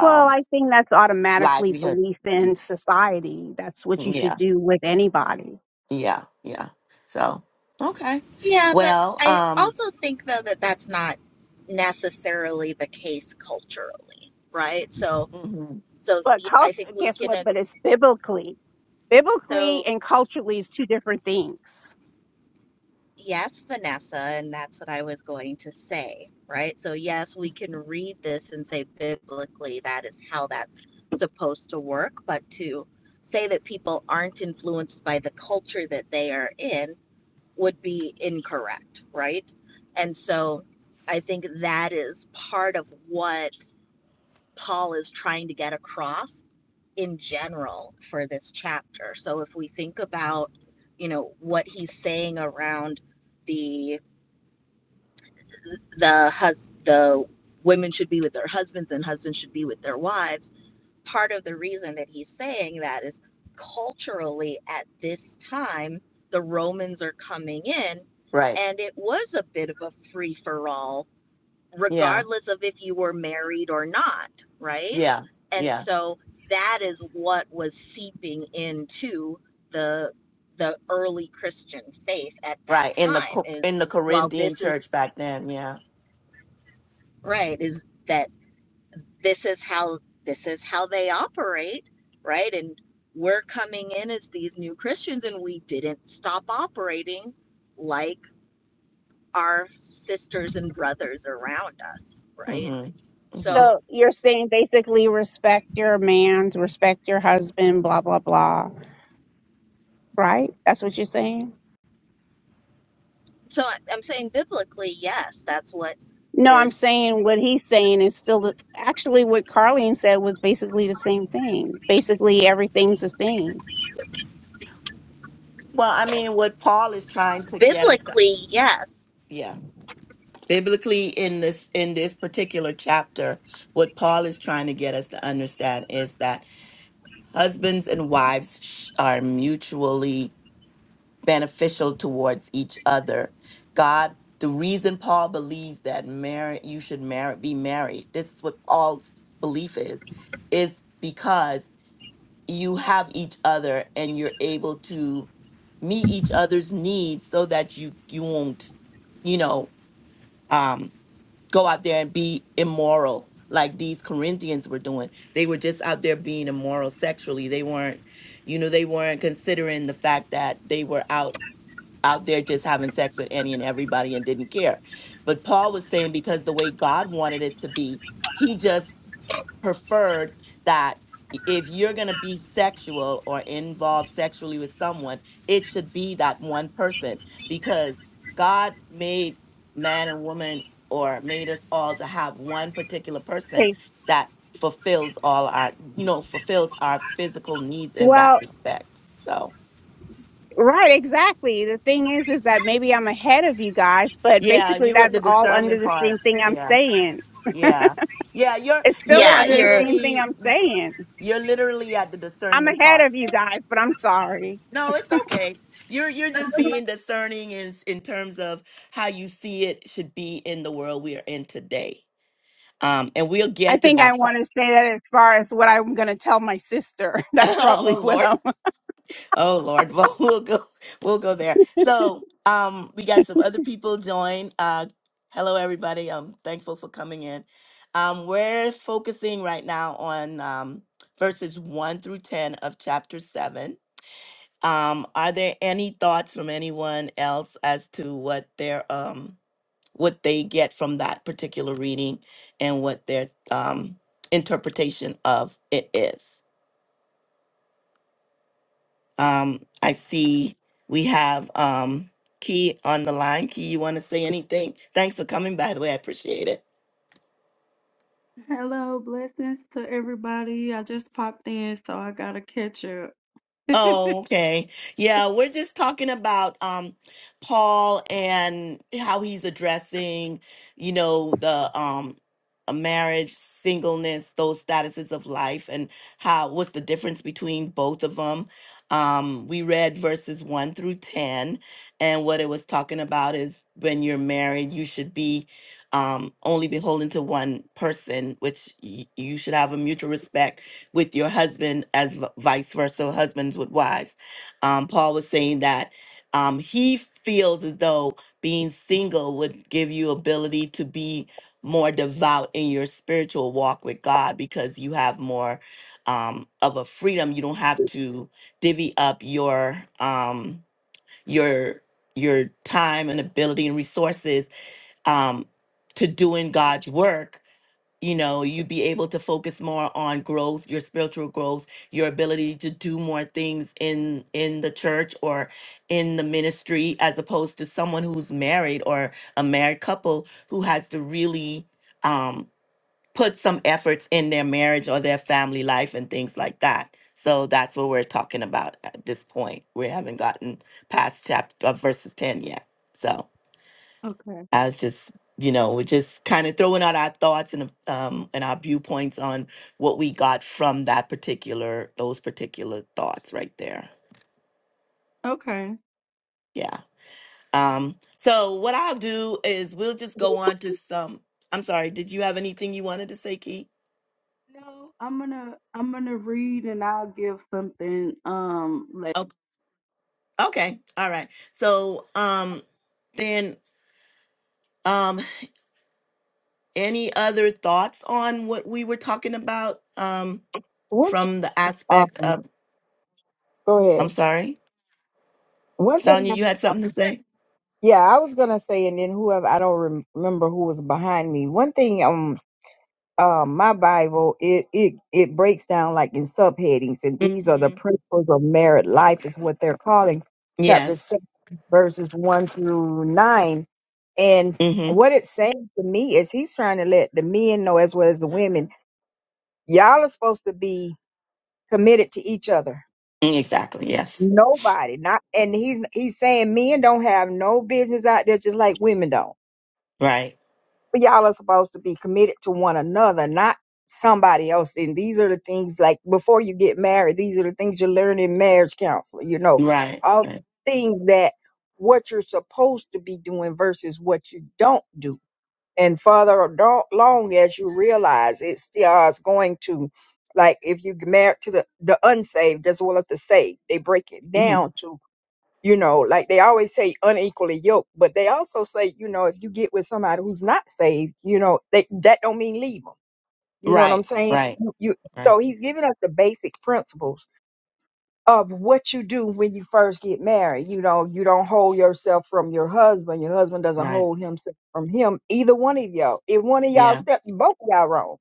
S3: Well, I think that's automatically
S1: livelihood.
S3: belief in society. That's what you should
S1: Yeah,
S3: do with anybody.
S1: yeah, yeah. So okay,
S5: Yeah, but
S1: well,
S5: I
S1: um,
S5: also think though that that's not necessarily the case culturally, right? So.
S1: mhm,
S5: So
S3: But
S5: I
S3: cult,
S5: think we
S3: guess
S5: can,
S3: what?
S5: uh,
S3: But it's biblically. Biblically
S5: so
S3: and culturally is two different things.
S5: yes, Vanessa, and that's what I was going to say, right? So yes, we can read this and say biblically that is how that's supposed to work, but to say that people aren't influenced by the culture that they are in would be incorrect, right? And so I think that is part of what Paul is trying to get across in general for this chapter. So if we think about, you know, what he's saying around the the hus the women should be with their husbands and husbands should be with their wives, part of the reason that he's saying that is culturally at this time the Romans are coming in
S1: right,
S5: and it was a bit of a free for all
S1: yeah,
S5: regardless of if you were married or not, right?
S1: yeah,
S5: And
S1: yeah.
S5: so that is what was seeping into the the early Christian faith at that
S1: Right in the
S5: time
S1: Co- in
S5: is
S1: the
S5: well
S1: Corinthian
S5: this
S1: church
S5: is
S1: back then, yeah.
S5: right is that this is how this is how they operate, right? And we're coming in as these new Christians and we didn't stop operating like our sisters and brothers around us, right?
S1: hmm hmm
S5: So
S3: So you're saying basically respect your man's, respect your husband, blah blah blah, right? That's what you're saying.
S5: So I- am saying biblically, yes, that's what
S3: No, I'm
S5: this
S3: saying what he's saying is still the, actually what Carleen said was basically the same thing. Basically, everything's the same.
S1: Well, I mean, what Paul is trying to get us, to,
S5: biblically, yes.
S1: yeah, biblically in this in this particular chapter, what Paul is trying to get us to understand is that husbands and wives sh- are mutually beneficial towards each other. God, the reason Paul believes that marriage, you should marry, be married. This is what Paul's belief is, is because you have each other and you're able to meet each other's needs so that you you won't you know um go out there and be immoral like these corinthians were doing they were just out there being immoral sexually they weren't you know they weren't considering the fact that they were out out there just having sex with any and everybody and didn't care but paul was saying because the way god wanted it to be he just preferred that if you're going to be sexual or involved sexually with someone, it should be that one person because God made man and woman or made us all to have one particular person
S3: Okay.
S1: that fulfills all our, you know, fulfills our physical needs in that
S3: Well,
S1: respect. So,
S3: Right, exactly. The thing is, is that maybe I'm ahead of you guys, but
S1: yeah,
S3: basically
S1: you at
S3: that's
S1: the
S3: all under
S1: discernment
S3: the
S1: part.
S3: same thing I'm
S1: Yeah.
S3: saying.
S1: Yeah. Yeah, you're
S3: It's still
S1: you're
S5: Yeah,
S3: under the
S5: you're
S3: same thing
S1: literally
S3: I'm saying.
S1: you're literally at the
S3: I'm
S1: discernment
S3: ahead
S1: part
S3: of you guys, but I'm sorry.
S1: No, it's okay. You're you're just being discerning in in terms of how you see it should be in the world we are in today. Um, and we'll
S3: I
S1: get to
S3: think I
S1: that. part.
S3: want to say that as far as what I'm going to tell my sister. That's probably
S1: oh
S3: what
S1: Lord,
S3: I'm.
S1: oh Lord. Well, we'll go we'll go there. So, um, we got some other people join. Uh, hello everybody. I'm thankful for coming in. Um, we're focusing right now on um verses one through ten of chapter seven Um, are there any thoughts from anyone else as to what their um what they get from that particular reading and what their um interpretation of it is? Um, I see we have um Key on the line. Key, you want to say anything? Thanks for coming, by the way. I appreciate it.
S6: Hello, blessings to everybody. I just popped in, so I gotta catch up.
S1: Oh,
S6: okay.
S1: okay. Yeah, we're just talking about um Paul and how he's addressing, you know, the um a marriage, singleness, those statuses of life and how what's the difference between both of them. Um we read verses 1 through 10 and what it was talking about is when you're married, you should be um only beholden to one person, which y- you should have a mutual respect with your husband as v- vice versa, husbands with wives. Um, Paul was saying that um, he feels as though being single would give you ability to be more devout in your spiritual walk with God because you have more um, of a freedom. You don't have to divvy up your um, your your time and ability and resources um, to doing God's work you know you would be able to focus more on growth your spiritual growth your ability to do more things in in the church or in the ministry as opposed to someone who's married or a married couple who has to really um put some efforts in their marriage or their family life and things like that so that's what we're talking about at this point we haven't gotten past chapter uh, verses 10 yet so I was just, you know, we're just kind of throwing out our thoughts and um and our viewpoints on what we got from that particular those particular thoughts right there.
S6: Okay.
S1: Yeah. Um. So what I'll do is we'll just go on to some. I'm sorry. Did you have anything you wanted to say, Key?
S6: No, I'm gonna I'm gonna read and I'll give something um later.
S1: Oh, okay. All right. So um, then um, any other thoughts on what we were talking about um
S2: One,
S1: from the aspect
S2: um,
S1: of?
S2: go
S1: I'm
S2: ahead.
S1: sorry,
S2: One thing,
S1: Sonia. You had
S2: I-
S1: something to say.
S2: yeah, I was gonna say, and then whoever I don't rem- remember who was behind me. One thing, um, um, my Bible it it it breaks down like in subheadings, and these are the
S1: Mm-hmm.
S2: principles of married life, is what they're calling chapter
S1: Yes.
S2: six, verses one through nine, and
S1: Mm-hmm.
S2: what it's saying to me is he's trying to let the men know as well as the women. Y'all are supposed to be committed to each other.
S1: Mm, Exactly. Yes.
S2: Nobody, not, and he's he's saying men don't have no business out there just like women don't.
S1: Right.
S2: But y'all are supposed to be committed to one another, not somebody else. And these are the things like before you get married, these are the things you learn in marriage counseling. You know,
S1: Right.
S2: all the
S1: Right.
S2: things that what you're supposed to be doing versus what you don't do and further do- along as you realize it still is going to like if you get married to the, the unsaved as well as the saved they break it
S1: hmm
S2: down to you know like they always say unequally yoked but they also say you know if you get with somebody who's not saved you know they, that don't mean leave them you know what i'm
S1: Right.
S2: saying
S1: Right.
S2: you, you
S1: Right.
S2: so he's giving us the basic principles of what you do when you first get married. You know, you don't hold yourself from your husband. Your husband doesn't
S1: Right.
S2: hold himself from him. Either one of y'all. If one of y'all
S1: Yeah.
S2: step, both of y'all wrong.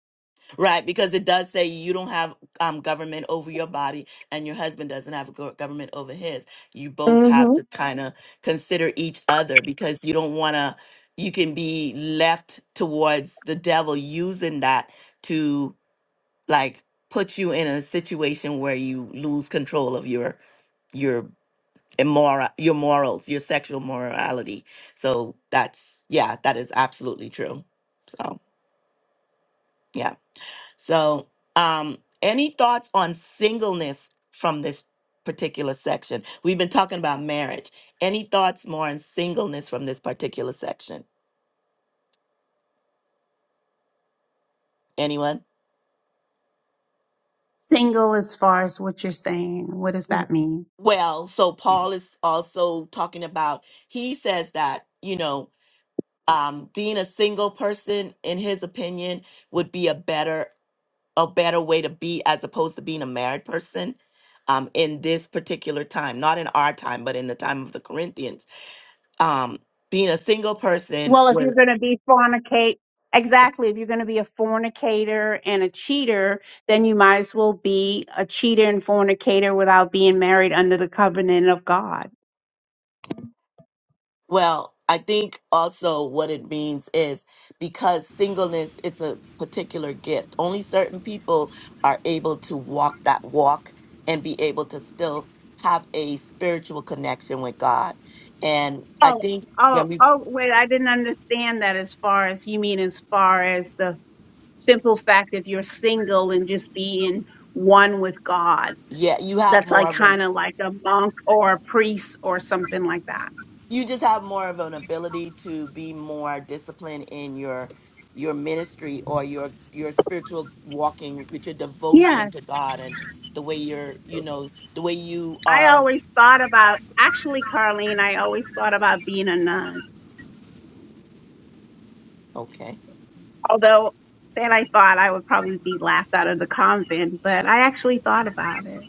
S1: Right. Because it does say you don't have um, government over your body, and your husband doesn't have go- government over his. You both have
S2: Mm-hmm.
S1: to kind of consider each other because you don't want to. You can be left towards the devil using that to like put you in a situation where you lose control of your your immoral your morals your sexual morality so that's yeah that is absolutely true so yeah so um any thoughts on singleness from this particular section we've been talking about marriage any thoughts more on singleness from this particular section anyone
S3: Single as far as what you're saying, what does that
S1: W-
S3: mean?
S1: well so paul is also talking about he says that you know um being a single person in his opinion would be a better a better way to be as opposed to being a married person um, in this particular time, not in our time, but in the time of the Corinthians. Um, being a single person,
S3: Well, if you're
S1: with,
S3: going to be fornicate, exactly. If you're going to be a fornicator and a cheater, then you might as well be a cheater and fornicator without being married under the covenant of God.
S1: well, I think also what it means is because singleness, it's a particular gift. Only certain people are able to walk that walk and be able to still have a spiritual connection with God. And I
S3: Oh,
S1: think
S3: oh,
S1: when we,
S3: oh, wait, I didn't understand that as far as you mean, as far as the simple fact if you're single and just being one with God.
S1: yeah, you have
S3: that's
S1: more
S3: like
S1: of an
S3: kind of like a monk or a priest or something like that.
S1: you just have more of an ability to be more disciplined in your your ministry or your your spiritual walking with your devotion
S3: Yeah.
S1: to God and the way you're you know the way you
S3: I
S1: are
S3: always thought about, actually, Carlene, I always thought about being a nun.
S1: okay
S3: Although then I thought I would probably be laughed out of the convent, but I actually thought about it.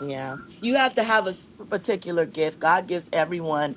S1: yeah you have to have a s- particular gift God gives everyone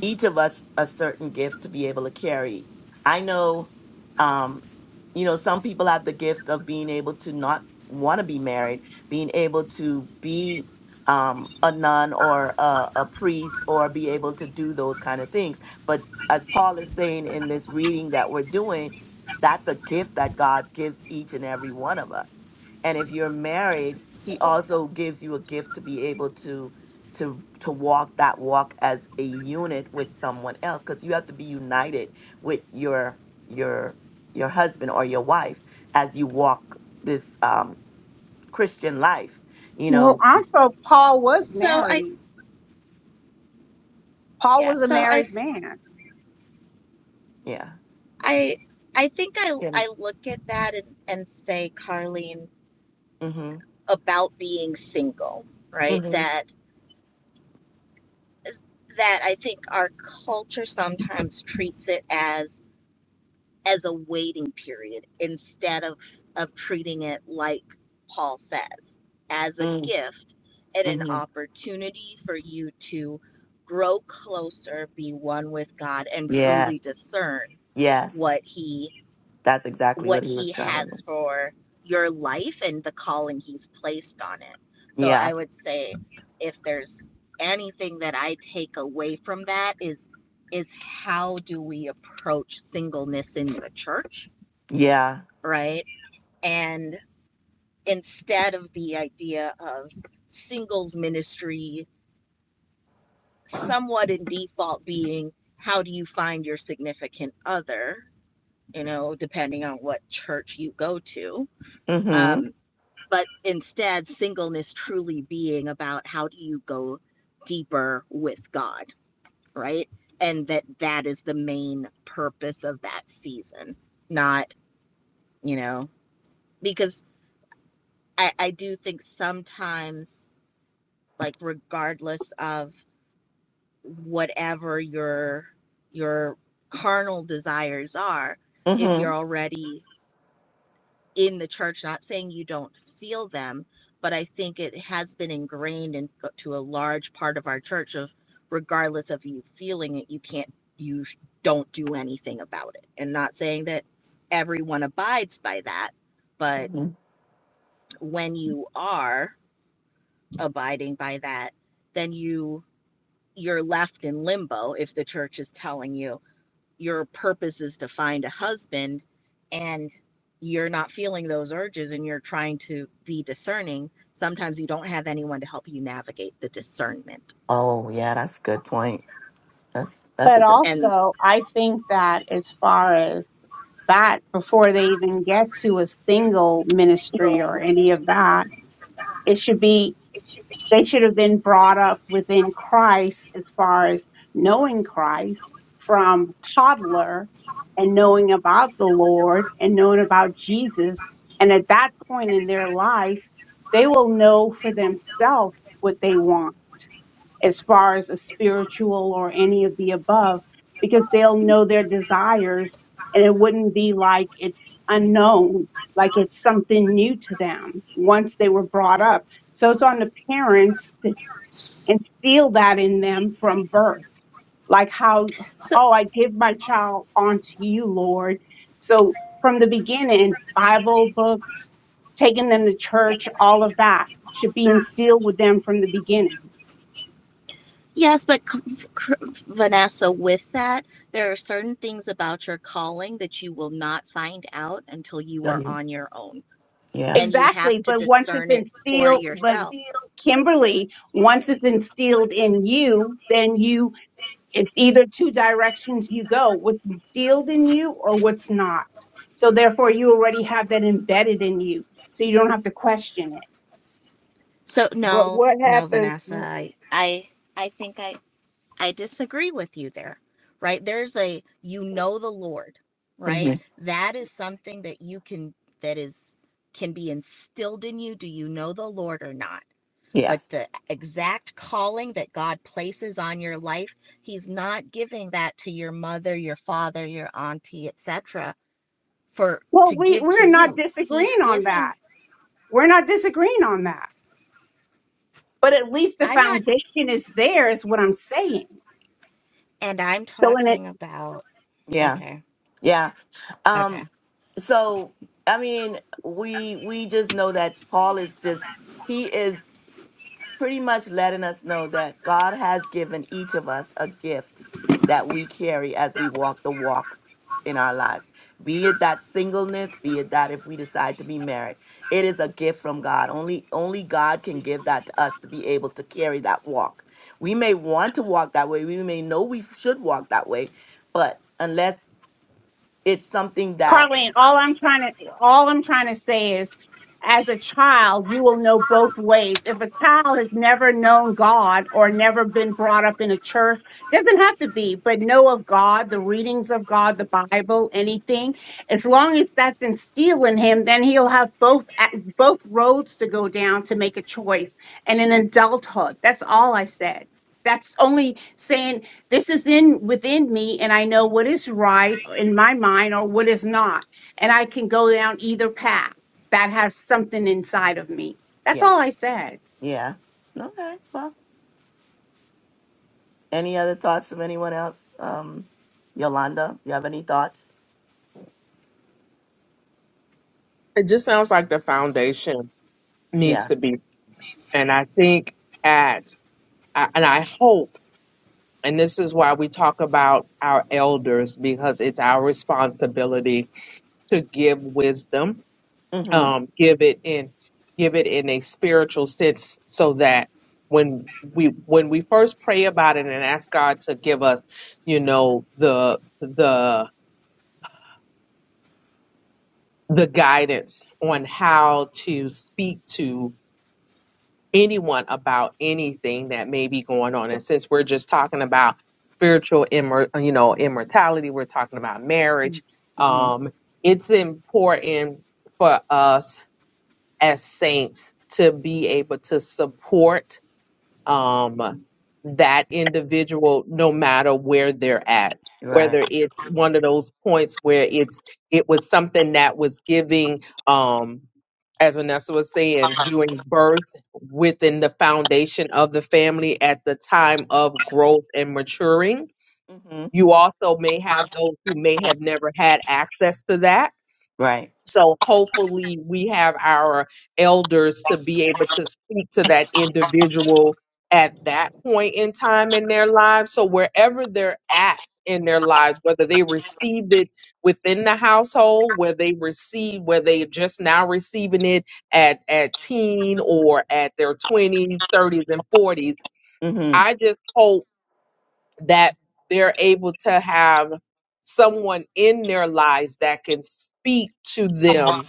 S1: each of us a certain gift to be able to carry. I know, um, you know, some people have the gift of being able to not want to be married, being able to be um, a nun or a, a priest, or be able to do those kind of things. But as Paul is saying in this reading that we're doing, that's a gift that God gives each and every one of us. And if you're married, He
S5: so
S1: also gives you a gift to be able to to to walk that walk as a unit with someone else because you have to be united with your your your husband or your wife as you walk this um christian life you
S3: Well,
S1: know
S3: also, Paul was
S5: so I
S3: married. Paul
S5: yeah,
S3: was a
S5: so I
S3: married man.
S1: yeah
S5: I I think I I look at that and, and say, Carleen,
S1: mm-hmm.
S5: about being single, right?
S1: Mm-hmm.
S5: That that I think our culture sometimes treats it as as a waiting period instead of of treating it like Paul says as a
S1: Mm,
S5: gift and an
S1: Mm-hmm.
S5: opportunity for you to grow closer be one with God and truly
S1: yes
S5: discern
S1: yes
S5: what he
S1: that's exactly
S5: what
S1: what he was
S5: he
S1: trying to
S5: has
S1: do.
S5: for your life and the calling he's placed on it so
S1: yeah
S5: i would say if there's anything that i take away from that is is how do we approach singleness in the church
S1: yeah
S5: right? And instead of the idea of singles ministry, somewhat in default being how do you find your significant other, you know, depending on what church you go to.
S1: mm-hmm.
S5: Um, but instead, singleness truly being about how do you go deeper with God, right? And that that is the main purpose of that season, not, you know, because I, I do think sometimes like regardless of whatever your your carnal desires are if
S1: Mm-hmm.
S5: you're already in the church not saying you don't feel them but i think it has been ingrained into a large part of our church of regardless of you feeling it you can't you don't do anything about it and not saying that everyone abides by that but
S1: mm-hmm
S5: when you are abiding by that then you you're left in limbo if the church is telling you your purpose is to find a husband and you're not feeling those urges and you're trying to be discerning sometimes you don't have anyone to help you navigate the discernment
S1: oh yeah that's a good point that's that's
S3: But
S1: a good
S5: and
S3: also, I think that as far as that, before they even get to a single ministry or any of that, it should be They should have been brought up within Christ as far as knowing Christ from toddler and knowing about the Lord and knowing about Jesus. And at that point in their life, they will know for themselves what they want as far as a spiritual or any of the above, because they'll know their desires and it wouldn't be like it's unknown, like it's something new to them once they were brought up. So it's on the parents and feel that in them from birth. Like how,
S5: so
S3: oh, I give my child onto you, Lord. So from the beginning, Bible books, taking them to church, all of that should be instilled with them from the beginning.
S5: yes but vanessa with that there are certain things about your calling that you will not find out until you
S1: Tell
S5: are
S1: you.
S5: on your own
S1: yeah
S5: and you have
S3: Exactly.
S5: to
S3: But once it's
S5: discern it for
S3: instilled, but
S5: yourself
S3: Kimberly, once it's instilled in you, then you it's either two directions you go what's instilled in you or what's not so therefore you already have that embedded in you so you don't have to question it
S5: So
S2: But
S5: no,
S2: what
S5: no,
S2: happens?
S5: Vanessa,
S2: when-
S5: I I I think I I disagree with you there. Right? There's a you know the Lord, right?
S1: mm-hmm.
S5: That is something that you can that is can be instilled in you. Do you know the Lord or not? But
S1: yes
S5: the exact calling that God places on your life, he's not giving that to your mother, your father, your auntie, etc. for
S3: well
S5: to
S3: we
S5: give to
S3: we're not
S5: you. He's
S3: disagreeing on
S5: giving
S3: that we're not disagreeing on that but at least the
S5: I'm not
S3: foundation is there is what i'm saying
S5: and I'm
S3: so in an
S5: talking about
S1: yeah
S5: okay.
S1: Yeah.
S5: Okay.
S1: Um, so I mean, we we just know that Paul is just he is pretty much letting us know that God has given each of us a gift that we carry as we walk the walk in our lives. Be it that singleness, be it that if we decide to be married. It is a gift from God. Only only God can give that to us to be able to carry that walk. We may want to walk that way. We may know we should walk that way, but unless it's something that
S3: Carlene, all I'm trying to all I'm trying to say is as a child, you will know both ways. If a child has never known God or never been brought up in a church, doesn't have to be, but know of God, the readings of God, the Bible, anything, as long as that's instilled in him, then he'll have both a- both roads to go down to make a choice. And in adulthood, that's all I said. That's only saying this is in within me and i know what is right in my mind or what is not and i can go down either path that has something inside of me that's
S1: Yeah.
S3: all i said
S1: Yeah. Okay. Well, any other thoughts of anyone else? Um, Yolanda, you have any thoughts?
S4: It just sounds like the foundation needs
S1: Yeah.
S4: to be and I think at I- and I hope And this is why we talk about our elders because it's our responsibility to give wisdom,
S1: Mm-hmm.
S4: um, give it in, give it in a spiritual sense so that when we, when we first pray about it and ask God to give us, you know, the, the, the guidance on how to speak to anyone about anything that may be going on. And since we're just talking about spiritual immor- you know, immortality, we're talking about marriage.
S1: Mm-hmm.
S4: Um, it's important for us as saints to be able to support um, that individual no matter where they're at.
S1: Right.
S4: Whether it's one of those points where it's it was something that was giving um, as Vanessa was saying, doing birth within the foundation of the family at the time of growth and maturing.
S1: Mm-hmm.
S4: You also may have those who may have never had access to that
S1: Right.
S4: so hopefully we have our elders to be able to speak to that individual at that point in time in their lives. So wherever they're at in their lives, whether they received it within the household, where they receive, where they just now receiving it at, at teen or at their twenties, thirties, and forties.
S1: Mm-hmm.
S4: I just hope that they're able to have someone in their lives that can speak to them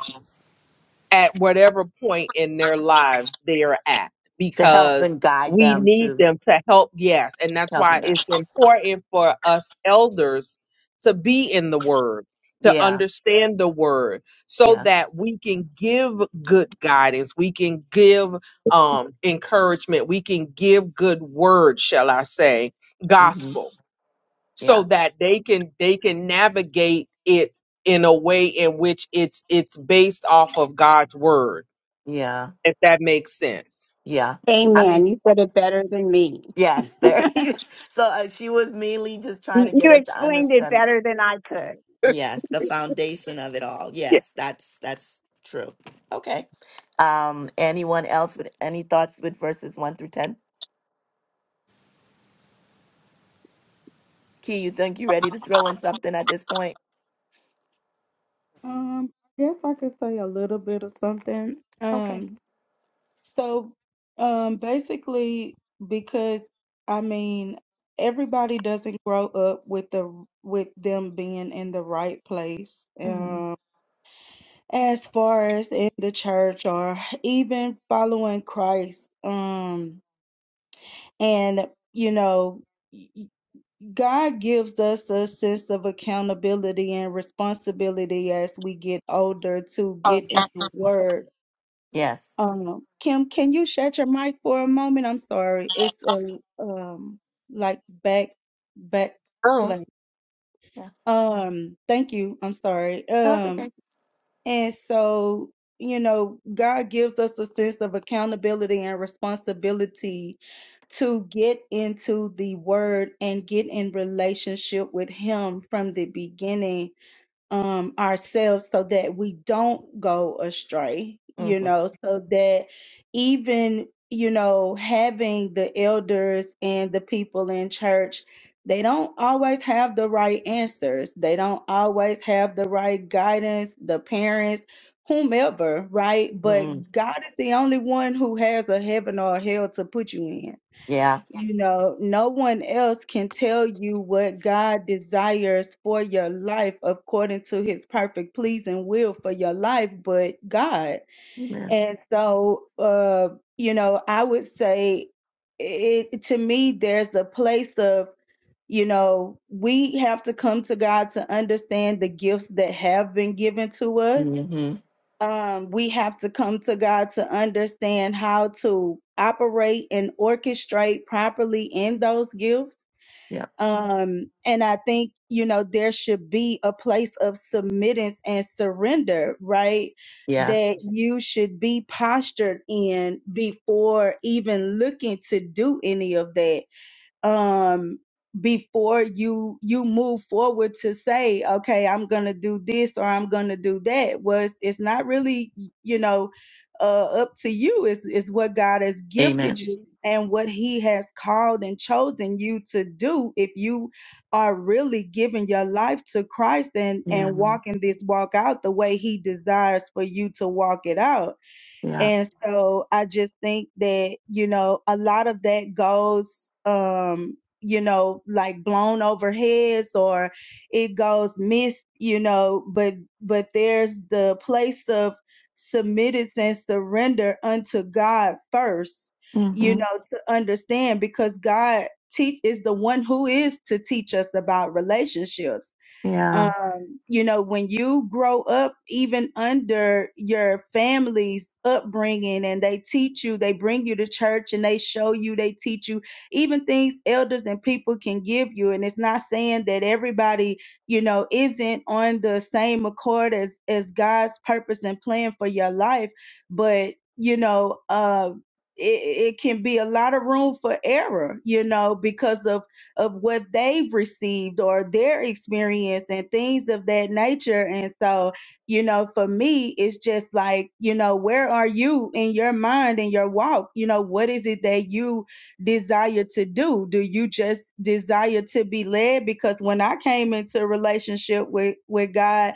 S4: at whatever point in their lives they are at
S1: To help
S4: because
S1: and guide
S4: we
S1: them
S4: need
S1: to
S4: them to help yes and that's
S1: helping
S4: why
S1: them.
S4: it's important for us elders to be in the word to
S1: Yeah.
S4: understand the word so
S1: Yeah.
S4: that we can give good guidance we can give um encouragement we can give good word shall i say
S1: Mm-hmm.
S4: gospel so
S1: Yeah.
S4: that they can they can navigate it in a way in which it's it's based off of God's word,
S1: Yeah.
S4: if that makes sense.
S1: Yeah. I mean,
S3: Amen. You said it better. You
S1: yes, there. so uh, she was mainly just trying to
S3: you
S1: get us to
S3: explained it
S1: understand
S3: better than I could.
S1: Yes, the foundation of it all.
S4: Yeah.
S1: Yes, that's that's true. Okay. Um, anyone else with any thoughts with verses one through ten? Key, you think you ready to throw in something at this point?
S6: Um I guess I could say a little bit of something.
S1: Okay.
S6: Um so um basically because I mean everybody doesn't grow up with the with them being in the right place.
S1: hmm
S6: Um. as far as in the church or even following Christ. Um, and you know, God gives us a sense of accountability and responsibility as we get older to get in the Word.
S1: Yes.
S6: Um, Kim, can you shut your mic for a moment? I'm sorry, it's a um like back back play.
S1: Yeah.
S6: Um, thank you. I'm sorry.
S1: No, it's
S6: Um,
S1: okay.
S6: And so, you know, God gives us a sense of accountability and responsibility to get into the word and get in relationship with Him from the beginning um ourselves so that we don't go astray
S1: hmm
S6: you know so that even you know having the elders and the people in church they don't always have the right answers they don't always have the right guidance the parents whomever right
S1: hmm
S6: but god is the only one who has a heaven or a hell to put you in
S1: Yeah.
S6: yeah. You know, no one else can tell you what God desires for your life according to his perfect pleasing will for your life, but God.
S1: Amen.
S6: And so, uh, you know, I would say it to me, there's a place of, you know, we have to come to God to understand the gifts that have been given to us
S1: hmm
S6: um, we have to come to God to understand how to operate and orchestrate properly in those gifts.
S1: Yeah.
S6: Um, and I think, you know, there should be a place of submittance and surrender, right?
S1: Yeah.
S6: That you should be postured in before even looking to do any of that um before you you move forward to say okay i'm gonna do this or i'm gonna do that was it's it's not really you know uh up to you it's, it's what god has gifted
S1: Amen.
S6: you and what he has called and chosen you to do if you are really giving your life to christ and
S1: Yeah.
S6: and walking this walk out the way he desires for you to walk it out
S1: Yeah.
S6: and so I just think that, you know, a lot of that goes, um, you know, like blown over heads or it goes missed, you know, but, but there's the place of submittance and surrender unto God first, you
S1: hmm
S6: know, to understand because God teach is the one who is to teach us about relationships
S1: Yeah.
S6: um, you know, when you grow up, even under your family's upbringing, and they teach you, they bring you to church and they show you, they teach you, even things elders and people can give you. And it's not saying that everybody, you know, isn't on the same accord as as God's purpose and plan for your life, but you know, uh, it, it can be a lot of room for error, you know, because of of what they've received or their experience and things of that nature. And so, you know, for me, it's just like, you know, where are you in your mind and your walk? You know, what is it that you desire to do? Do you just desire to be led? Because when I came into a relationship with, with God,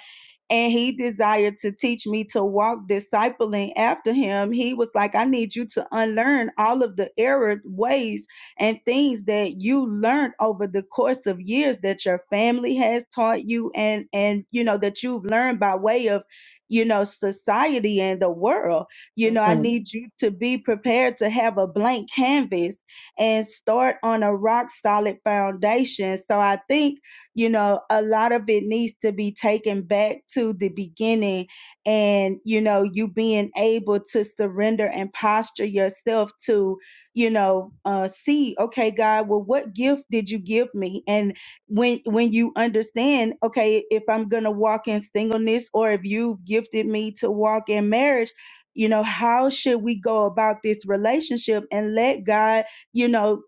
S6: and he desired to teach me to walk discipling after him. He was like, I need you to unlearn all of the error ways and things that you learned over the course of years that your family has taught you and and you know that you've learned by way of you know society and the world you know i
S1: hmm
S6: need you to be prepared to have a blank canvas and start on a rock solid foundation so i think you know a lot of it needs to be taken back to the beginning and you know you being able to surrender and posture yourself to you know uh see okay god well what gift did you give me and when when you understand okay if i'm gonna walk in singleness or if you've gifted me to walk in marriage you know how should we go about this relationship and let god you know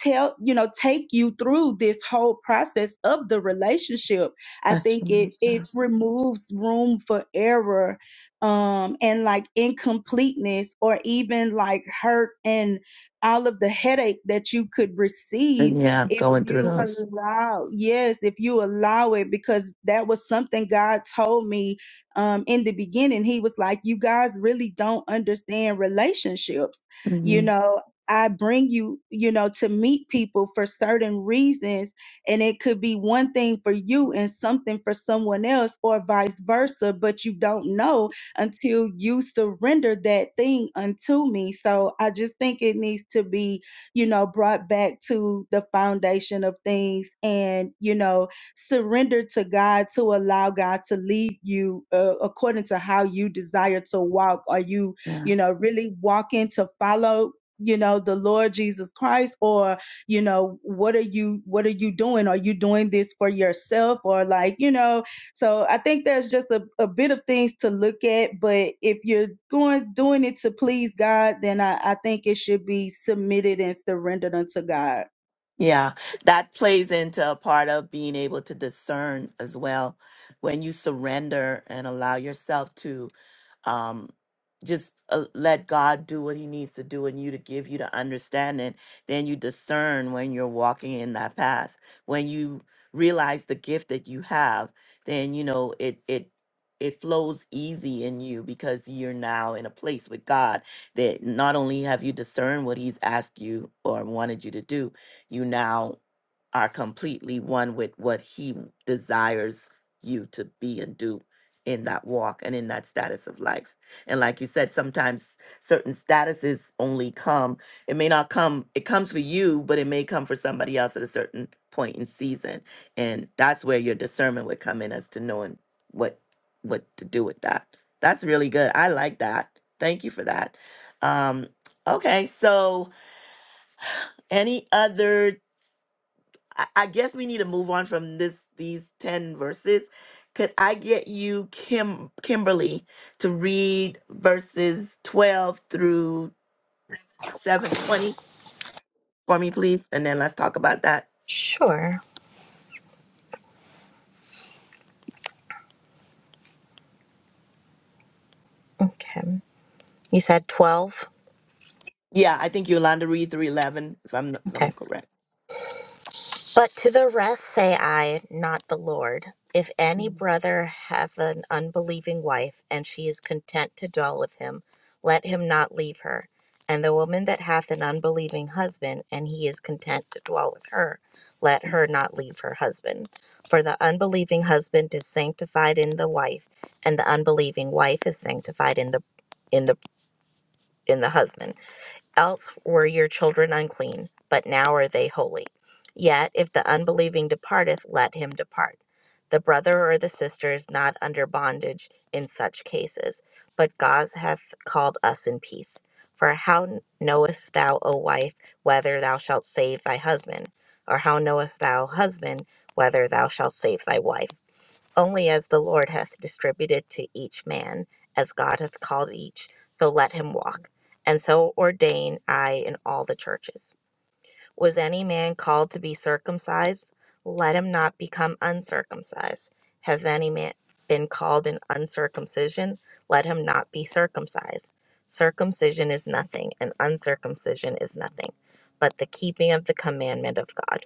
S6: tell you know take you through this whole process of the relationship i
S1: That's
S6: think it
S1: true.
S6: it
S1: That's-
S6: removes room for error um and like incompleteness or even like hurt and all of the headache that you could receive
S1: Yeah.
S6: if
S1: Going through
S6: you
S1: those.
S6: allow yes if you allow it because that was something god told me um in the beginning he was like you guys really don't understand relationships you
S1: hmm
S6: know I bring you, you know, to meet people for certain reasons. And it could be one thing for you and something for someone else, or vice versa, but you don't know until you surrender that thing unto me. So I just think it needs to be, you know, brought back to the foundation of things and, you know, surrender to God to allow God to lead you uh, according to how you desire to walk. Are you you know, really walking to follow you know the lord jesus christ or you know what are you what are you doing are you doing this for yourself or like you know so i think there's just a, a bit of things to look at but if you're going doing it to please god then i, I think it should be submitted and surrendered unto god
S1: Yeah, that plays into a part of being able to discern as well. When you surrender and allow yourself to um just uh, let God do what he needs to do in you to give you the understanding then you discern when you're walking in that path when you realize the gift that you have then you know it it it flows easy in you because you're now in a place with God that not only have you discerned what he's asked you or wanted you to do you now are completely one with what he desires you to be and do in that walk and in that status of life. And like you said, sometimes certain statuses only come, it may not come, it comes for you, but it may come for somebody else at a certain point in season. And that's where your discernment would come in as to knowing what what to do with that. That's really good. I like that. Thank you for that. Um okay, so any other I, I guess we need to move on from this these 10 verses. Could I get you Kim Kimberly to read verses 12 through 720 for me please and then let's talk about that.
S5: Okay. You said 12?
S1: Yeah, I think Yolanda read through 11 if I'm if
S5: Okay.
S1: I'm correct.
S5: But to the rest say I, not the Lord. If any brother hath an unbelieving wife, and she is content to dwell with him, let him not leave her. And the woman that hath an unbelieving husband, and he is content to dwell with her, let her not leave her husband. For the unbelieving husband is sanctified in the wife, and the unbelieving wife is sanctified in the in the in the husband Else were your children unclean, but now are they holy. Yet if the unbelieving departeth, let him depart. The brother or the sister is not under bondage in such cases, but God hath called us in peace. For how knowest thou, O wife, whether thou shalt save thy husband? Or how knowest thou, husband, whether thou shalt save thy wife? Only as the Lord hath distributed to each man, as God hath called each, so let him walk. And so ordain I in all the churches. Was any man called to be circumcised? Let him not become uncircumcised. Has any man been called in uncircumcision? Let him not be circumcised. Circumcision is nothing, and uncircumcision is nothing, but the keeping of the commandment of God.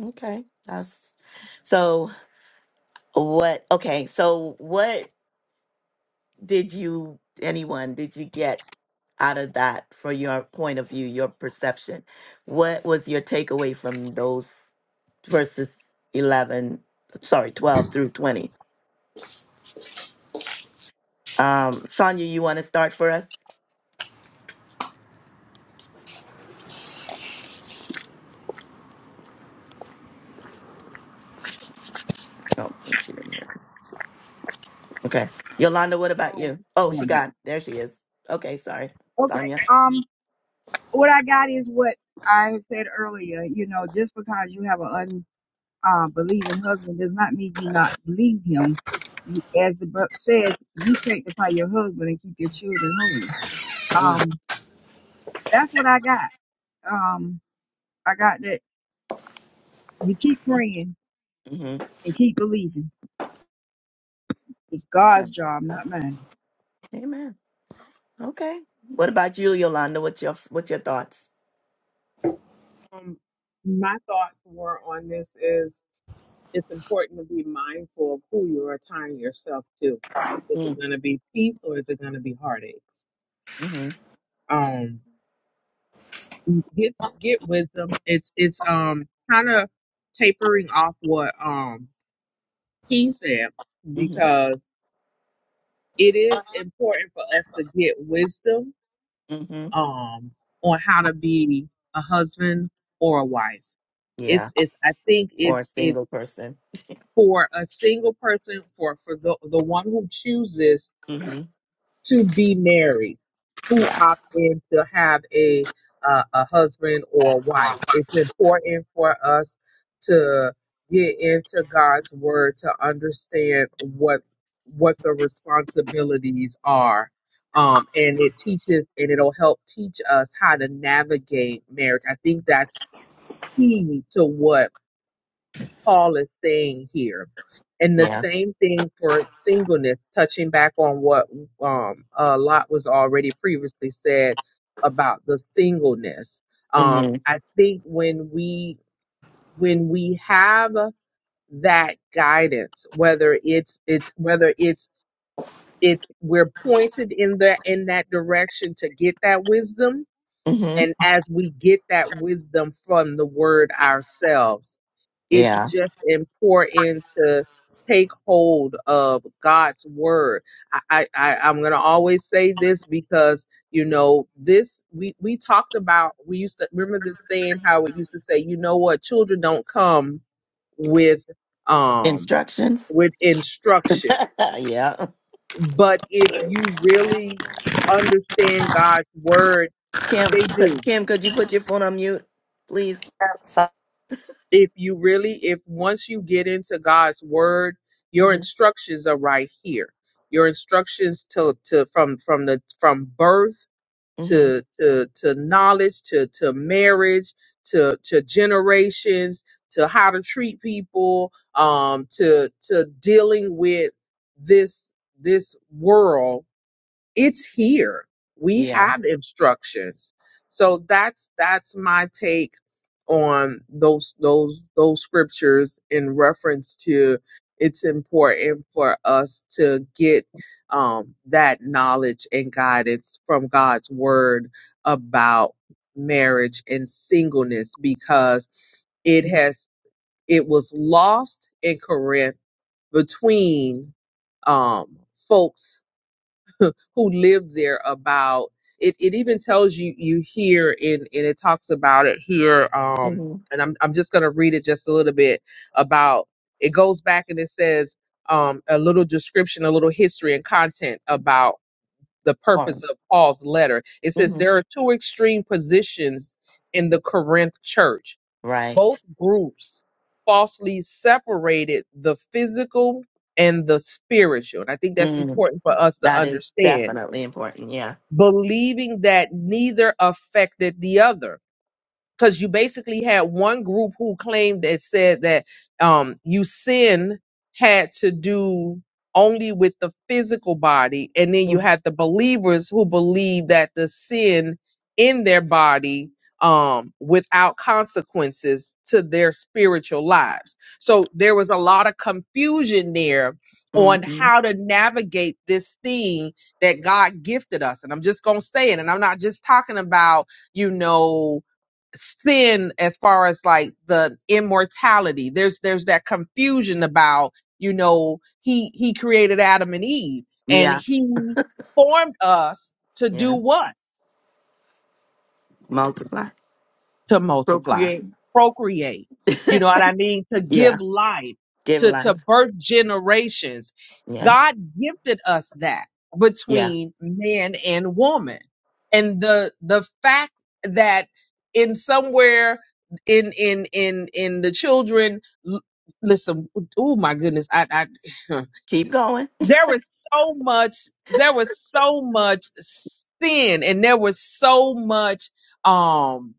S1: Okay. That's so what okay, so what did you anyone did you get out of that for your point of view, your perception? What was your takeaway from those verses 11, sorry, 12 through 20? Um, Sonia, you want to start for us? Oh, she didn't hear me. Okay. Yolanda, what about
S2: oh,
S1: you?
S2: keep
S1: Oh, she
S2: going out.
S1: got, there she is. Okay, sorry.
S2: Okay.
S1: Sonia.
S2: Um, what I got is what I had said earlier. You know, just because you have an un uh, believing husband does not mean you not believe him. You- As the book says, you sanctify your husband and keep your children holy.
S1: Mm,
S2: Um, that's what I got. Um, I got that. You keep praying
S1: mm-hmm.
S2: and keep believing. It's God's
S1: Okay.
S2: job, not mine.
S1: Amen. Okay. What about you, Yolanda? What's your, what's your thoughts?
S4: Um, my thoughts were on this is it's important to be mindful of who you are tying yourself to. Is it
S1: Mm,
S4: going to be peace or is it going to be heartaches?
S1: mm-hmm.
S4: Um, get get wisdom. It's it's um kind of tapering off what um King said
S1: Mm-hmm.
S4: it is important for us to get wisdom
S1: Mm-hmm.
S4: um on how to be a husband or a wife
S1: Yeah.
S4: it's it's i think
S1: For a
S4: it's it's
S1: single person.
S4: for a single person for for the the one who chooses
S1: Mm-hmm.
S4: to be married who
S1: Yeah.
S4: opt in to have a uh, a husband or wife. It's important for us to get into God's word to understand what what the responsibilities are. Um, and it teaches and it'll help teach us how to navigate marriage. I think that's key to what Paul is saying here. And the
S1: Yeah.
S4: same thing for singleness, touching back on what um, uh, Lot was already previously said about the singleness.
S1: Mm-hmm.
S4: Um, I think when we when we have that guidance, whether it's it's whether it's it's we're pointed in the in that direction to get that wisdom,
S1: Mm-hmm.
S4: and as we get that wisdom from the Word ourselves it's
S1: Yeah.
S4: just important to take hold of God's word. I, I, I I'm gonna always say this because you know this we we talked about we used to remember this thing how we used to say you know what children don't come with um
S1: Instructions.
S4: with instruction
S1: yeah,
S4: but
S1: it's
S4: if
S1: true.
S4: you really understand God's word
S1: Kim,
S4: they
S1: c-
S4: do
S1: Kim, could you put your phone on mute, please?
S5: So
S4: if you really if once you get into god's word your
S1: Mm-hmm.
S4: instructions are right here your instructions to to from from the from birth
S1: Mm-hmm.
S4: to to to knowledge to to marriage to to generations to how to treat people um to to dealing with this this world it's here. We
S1: Yeah.
S4: have instructions. So that's that's my take on those those those scriptures in reference to it's important for us to get um that knowledge and guidance from God's word about marriage and singleness because it has it was lost in Corinth between um folks who lived there about it it even tells you you here in and it talks about it here um
S1: Mm-hmm.
S4: and I'm I'm just going to read it just a little bit about it goes back and it says um a little description a little history and content about the purpose
S1: Important.
S4: of Paul's letter it says
S1: Mm-hmm.
S4: there are two extreme positions in the Corinth church both
S1: Right.
S4: groups falsely separated the physical and the spiritual and I think that's
S1: Mm.
S4: important for us to
S1: That is
S4: understand
S1: definitely important. Yeah.
S4: believing that neither affected the other because you basically had one group who claimed that said that um you sin had to do only with the physical body and then you had the believers who believed that the sin in their body um without consequences to their spiritual lives so there was a lot of confusion there on
S1: Mm-hmm.
S4: how to navigate this thing that God gifted us and I'm just going to say it and I'm not just talking about you know sin as far as like the immortality there's there's that confusion about you know he he created adam and eve and
S1: Yeah.
S4: he formed us to do
S1: Yeah.
S4: what
S1: Multiply.
S4: to multiply,
S1: Procreate.
S4: procreate. You know what I mean? To
S1: yeah.
S4: give life,
S1: Give
S4: to, to
S1: life.
S4: birth generations.
S1: Yeah.
S4: God gifted us that
S1: Yeah.
S4: between man and woman. And the, the fact that in somewhere in, in, in, in the children, l- listen, oh my goodness, I, I,
S1: Keep going.
S4: there was so much there was so much sin and there was so much um.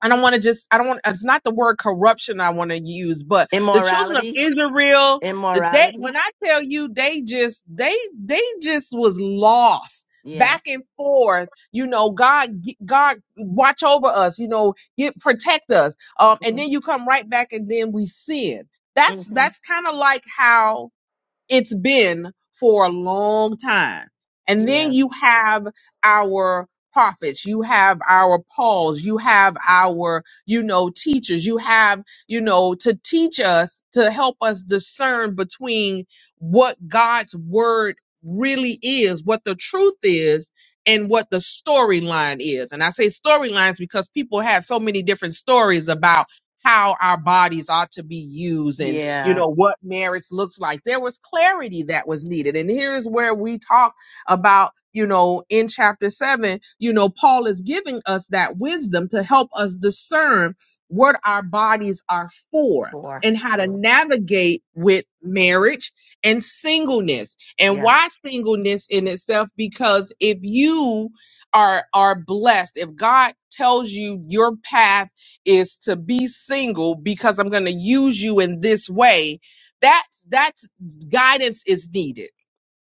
S4: I don't want to just, I don't want, it's not the word corruption I want to use, but the children of
S1: Immorality.
S4: Israel, the, they,
S1: Immorality.
S4: when I tell you they just, they, they just was lost
S1: Yeah.
S4: back and forth. You know, God, God watch over us, you know, get, protect us. Um, and
S1: Mm-hmm.
S4: then you come right back and then we sin. That's,
S1: Mm-hmm.
S4: that's kind of like how it's been for a long time. And then
S1: Yeah.
S4: you have our prophets, you have our Pauls, you have our, you know, teachers, you have, you know, to teach us, to help us discern between what God's word really is, what the truth is, and what the storyline is. And I say storylines because people have so many different stories about how our bodies ought to be used and you
S1: Yeah.
S4: know what marriage looks like there was clarity that was needed and here is where we talk about you know in chapter 7 you know Paul is giving us that wisdom to help us discern what our bodies are for
S1: Four.
S4: and how to navigate with marriage and singleness and
S1: Yeah.
S4: why singleness in itself because if you are are blessed if god tells you your path is to be single because I'm going to use you in this way. That's that's guidance is needed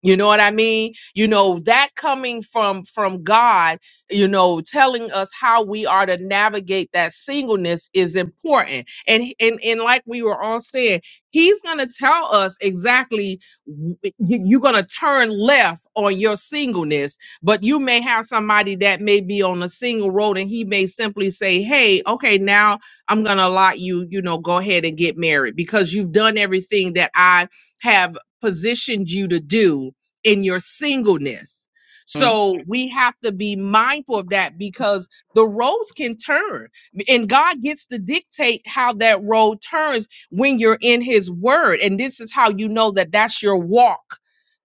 S4: you know what i mean you know that coming from from god you know telling us how we are to navigate that singleness is important and and and like we were all saying he's gonna tell us exactly w- you- you're gonna turn left on your singleness but you may have somebody that may be on a single road and he may simply say hey okay now i'm gonna allow you you know go ahead and get married because you've done everything that i have positioned you to do in your singleness.
S1: Mm.
S4: So we have to be mindful of that because the roads can turn and God gets to dictate how that road turns when you're in his word. And this is how you know that that's your walk.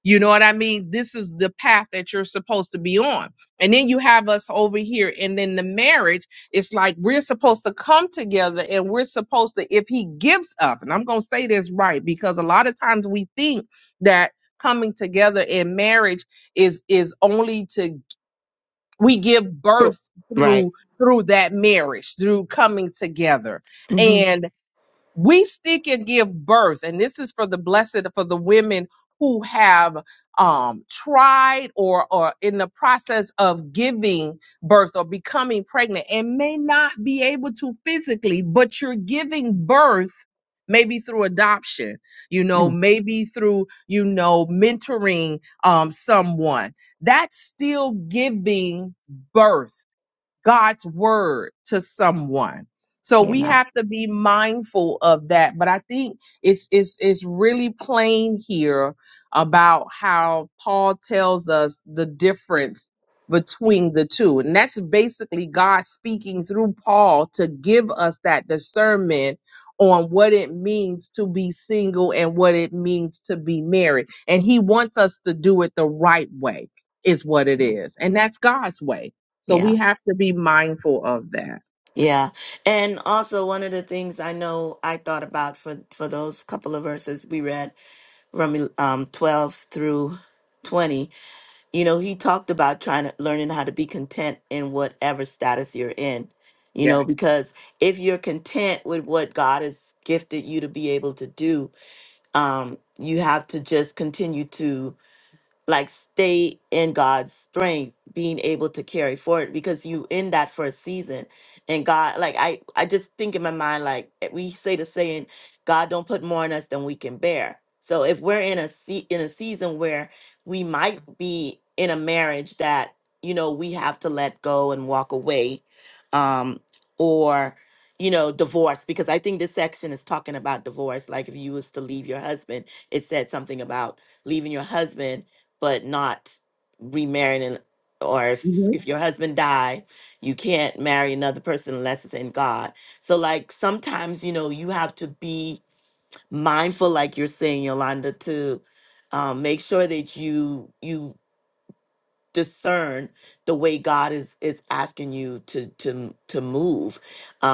S4: You know what I mean? This is the path that you're supposed to be on. And then you have us over here. And then the marriage, it's like we're supposed to come together and we're supposed to, if he gives up, and I'm going to say this right, because a lot of times we think that coming together in marriage is is only to we give
S1: Cool.
S4: birth
S1: Right.
S4: through through that marriage through coming together
S1: hmm
S4: and we still can give birth and this is for the blessed for the women who have um tried or or in the process of giving birth or becoming pregnant and may not be able to physically but you're giving birth maybe through adoption you know maybe through you know mentoring um someone that's still giving birth God's word to someone. So we
S1: Yeah.
S4: have to be mindful of that. But I think it's it's it's really plain here about how Paul tells us the difference between the two. And that's basically God speaking through Paul to give us that discernment on what it means to be single and what it means to be married. And he wants us to do it the right way is what it is. And that's God's way. So
S1: Yeah.
S4: we have to be mindful of that.
S1: Yeah. And also one of the things I know I thought about for for those couple of verses we read from um 12 through 20, you know, he talked about trying to learning how to be content in whatever status you're in. You
S4: Yeah.
S1: know, because if you're content with what God has gifted you to be able to do, um you have to just continue to like stay in God's strength, being able to carry forward because you in that first season and God like I I just think in my mind like eh, we say the saying God don't put more on us than we can bear. So if we're in a se- in a season where we might be in a marriage that you know we have to let go and walk away um or you know divorce because I think this section is talking about divorce like if you was to leave your husband it said something about leaving your husband but not remarrying and- or if,
S4: hmm
S1: if your husband die you can't marry another person unless it's in god so like sometimes you know you have to be mindful like you're saying yolanda to um, make sure that you you discern the way god is is asking you to to to move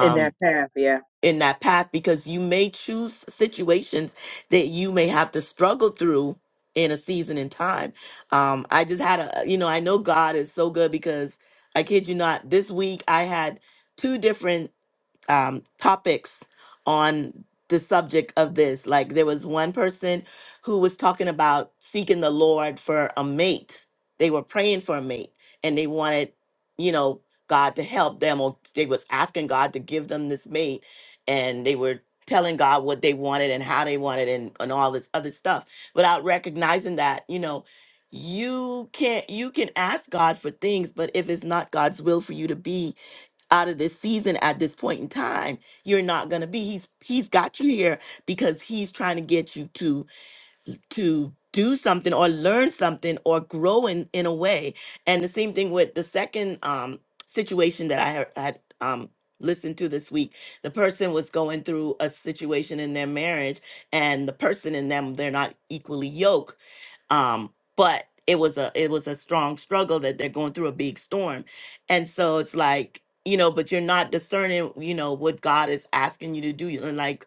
S4: In that path. Yeah.
S1: in that path because you may choose situations that you may have to struggle through in a season in time. Um, I just had a, you know, I know God is so good because I kid you not, this week I had two different um, topics on the subject of this. Like there was one person who was talking about seeking the Lord for a mate. They were praying for a mate and they wanted, you know, God to help them or they was asking God to give them this mate and they were telling God what they wanted and how they wanted and, and all this other stuff without recognizing that, you know, you can't you can ask God for things, but if it's not God's will for you to be out of this season at this point in time you're not going to be he's he's got you here because he's trying to get you to to do something or learn something or grow in in a way and the same thing with the second um situation that i had, had um listened to this week the person was going through a situation in their marriage and the person in them they're not equally yoked um but it was a it was a strong struggle that they're going through a big storm and so it's like you know but you're not discerning you know what god is asking you to do and like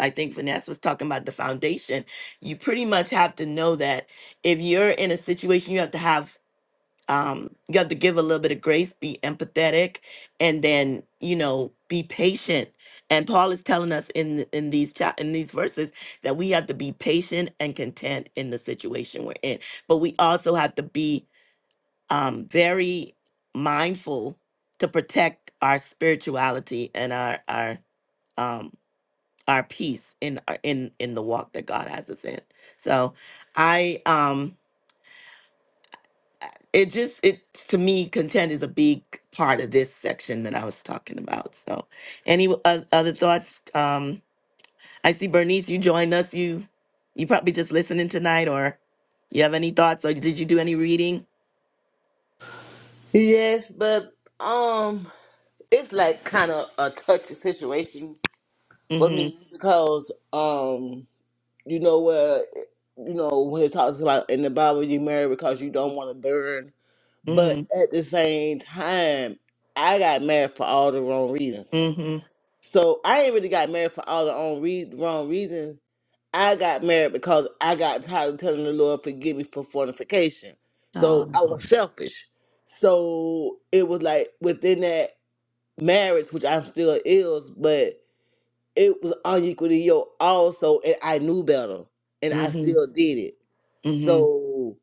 S1: i think finesse was talking about the foundation you pretty much have to know that if you're in a situation you have to have um, you have to give a little bit of grace, be empathetic, and then you know be patient. And Paul is telling us in th- in these chap in these verses that we have to be patient and content in the situation we're in, but we also have to be um, very mindful to protect our spirituality and our our um, our peace in our- in in the walk that God has us in. So I um it just it to me content is a big part of this section that I was talking about. So, any o- oth- other thoughts? Um, I see Bernice, you joined us. You you probably just listening tonight, or you have any thoughts, or did you do any reading?
S7: Yes, but um, it's like kind of a touchy situation for
S1: Mm-hmm.
S7: me because um, you know where you know when it talks about in the Bible you marry because you don't want to burn, but
S1: Mm-hmm.
S7: at the same time, I got married for all the wrong reasons.
S1: Mm-hmm.
S7: So I ain't really got married for all the wrong re- wrong reasons I got married because I got tired of telling the Lord, forgive me for fornication. So
S1: Um,
S7: I was selfish. So it was like within that marriage, which I'm still is, but it was unequal unequally yoked also, and I knew better, and I
S1: mm-hmm.
S7: still did it.
S1: Mm-hmm.
S7: So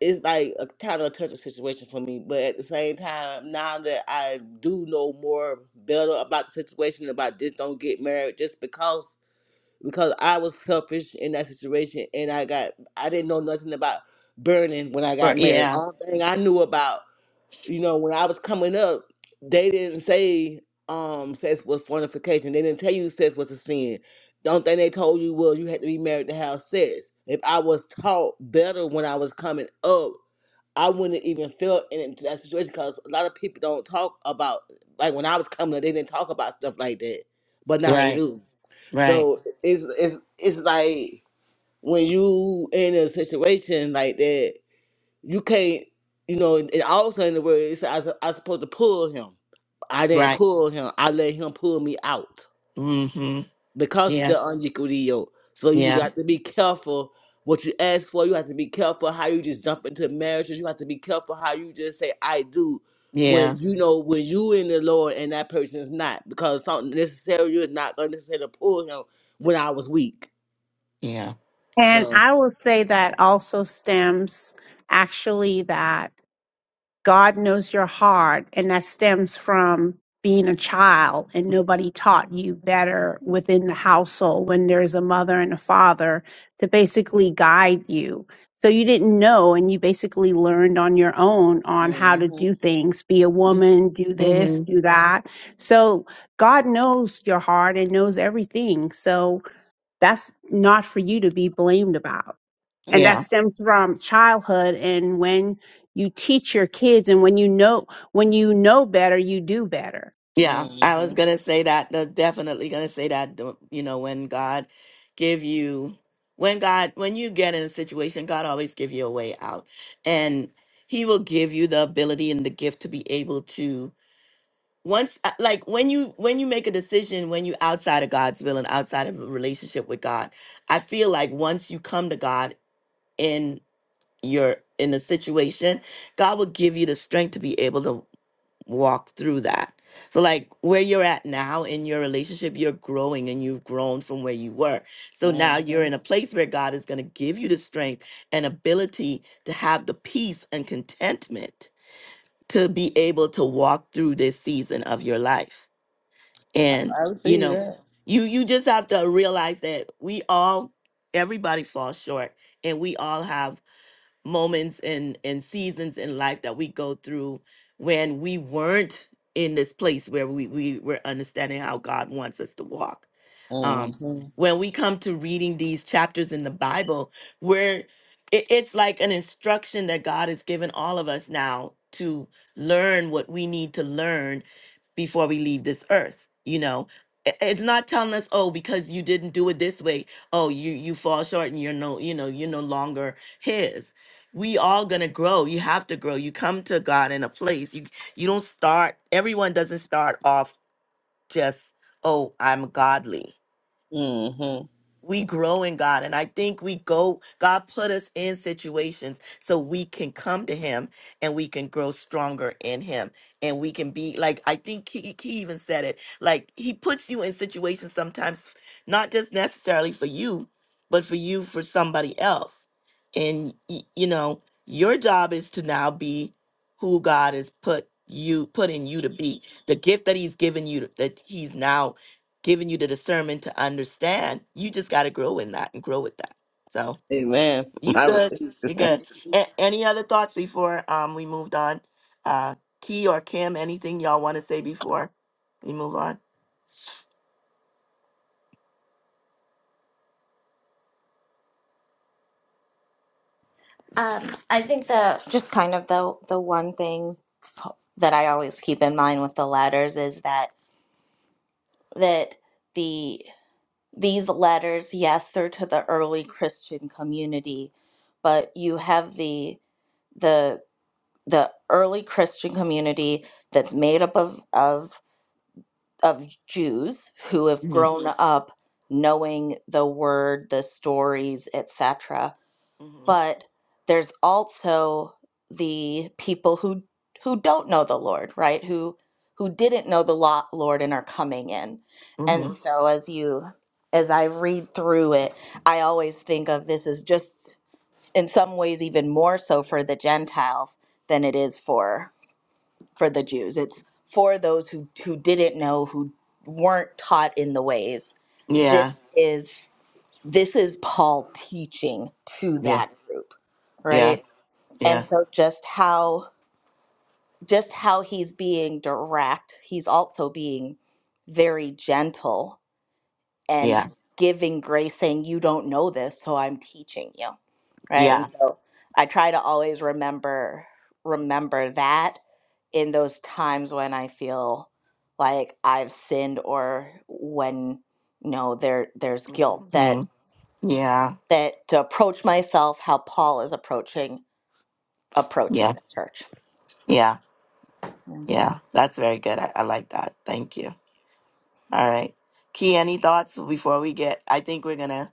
S7: it's like a kind of a touchy situation for me. But at the same time, now that I do know more better about the situation, about just don't get married just because because I was selfish in that situation, and I got I didn't know nothing about burning when I got
S1: But
S7: married.
S1: yeah,
S7: Only thing I knew about, you know, when I was coming up, they didn't say um sex was fornication. They didn't tell you sex was a sin. The only thing they told you was you had to be married to have sex. If I was taught better when I was coming up, I wouldn't even feel in into that situation because a lot of people don't talk about like when I was coming up, they didn't talk about stuff like that, but now they
S1: right,
S7: do.
S1: right,
S7: So it's it's it's like when you in a situation like that, you can't, you know, and and also in the word, it's I, was- I was supposed to pull him. I didn't
S1: right.
S7: pull him. I let him pull me out
S1: Mm-hmm.
S7: because of
S1: Yeah,
S7: the unequal deal. So you
S1: yeah,
S7: got to be careful what you ask for. You have to be careful how you just jump into marriages. You have to be careful how you just say I do
S1: yeah,
S7: when you know when you in the Lord and that person's not because something necessary is not unnecessary to pull him when I was weak.
S1: yeah.
S3: And
S7: So
S3: I will say that also stems actually that God knows your heart, and that stems from being a child, and nobody taught you better within the household when there's a mother and a father to basically guide you. So you didn't know, and you basically learned on your own on how to
S7: Mm-hmm.
S3: do things be a woman, do this,
S1: Mm-hmm.
S3: do that. So God knows your heart and knows everything. So that's not for you to be blamed about and that
S7: Okay.
S1: Yeah.
S3: stems from childhood and when you teach your kids and when you know when you know better you do better
S1: Yeah, I was
S7: Mm-hmm.
S1: gonna say that. the- Definitely gonna say that. the- You know, when God give you, when God, when you get in a situation, God always give you a way out, and He will give you the ability and the gift to be able to once, uh, like when you when you make a decision, when you outside of God's will and outside of a relationship with God, I feel like once you come to God in your in a situation, God will give you the strength to be able to walk through that. So, like where you're at now in your relationship, you're growing and you've grown from where you were. So now you're
S7: Mm-hmm.
S1: in a place where God is going to give you the strength and ability to have the peace and contentment to be able to walk through this season of your life.
S7: I,
S1: And
S7: I
S1: you
S7: receive
S1: know,
S7: that.
S1: you you just have to realize that we all everybody falls short and we all have moments and and seasons in life that we go through when we weren't in this place where we we were understanding how God wants us to walk. Um,
S7: Mm-hmm.
S1: when we come to reading these chapters in the Bible, where it, it's like an instruction that God has given all of us now to learn what we need to learn before we leave this earth you know I- it's not telling us oh because you didn't do it this way oh you you fall short and you're no you know you're no longer his we all gonna grow you have to grow you come to god in a place you you don't start everyone doesn't start off just oh i'm godly
S7: Mm-hmm.
S1: we grow in God. And I think we go, God put us in situations so we can come to Him and we can grow stronger in Him. And we can be like, I think he, he even said it like, He puts you in situations sometimes, not just necessarily for you, but for you, for somebody else. And, y- you know, your job is to now be who God has put you, put in you to be, the gift that He's given you, that He's now giving you the discernment to understand. You just got to grow in that and grow with that. So
S7: Amen.
S1: you
S7: I
S1: good.
S7: receive
S1: You
S7: that.
S1: good. A- any other thoughts before um we moved on? Uh, Key or Kim, anything y'all want to say before we move on?
S5: Um, I think the just kind of the the one thing that I always keep in mind with the letters is that that the these letters, yes, they're to the early Christian community, but you have the the the early Christian community that's made up of of of Jews who have
S1: hmm
S5: grown Mhm. up knowing the word, the stories, etc
S1: hmm
S5: but there's also the people who who don't know the Lord, right? Who who didn't know the law, Lord and are coming in. And
S1: hmm
S5: Mhm. so as you as I read through it, I always think of this as just in some ways even more so for the Gentiles than it is for for the Jews. It's for those who who didn't know, who weren't taught in the ways. This
S1: Yeah.
S5: is this is Paul teaching to
S1: Yeah.
S5: that group,
S1: Yeah.
S5: right? And
S1: Yeah.
S5: so just how just how he's being direct, he's also being very gentle and
S1: Yeah.
S5: giving grace saying you don't know this, so I'm teaching you, right? And
S1: Yeah.
S5: so I try to always remember remember that in those times when I feel like I've sinned or when you know there there's guilt that.
S1: Mhm. Yeah.
S5: that to approach myself how Paul is approaching approaching
S1: Yeah.
S5: the church.
S1: Yeah.
S5: Mm.
S1: Yeah. That's very good. I, I like that. Thank you. All right. Key, any thoughts before we get? I think we're gonna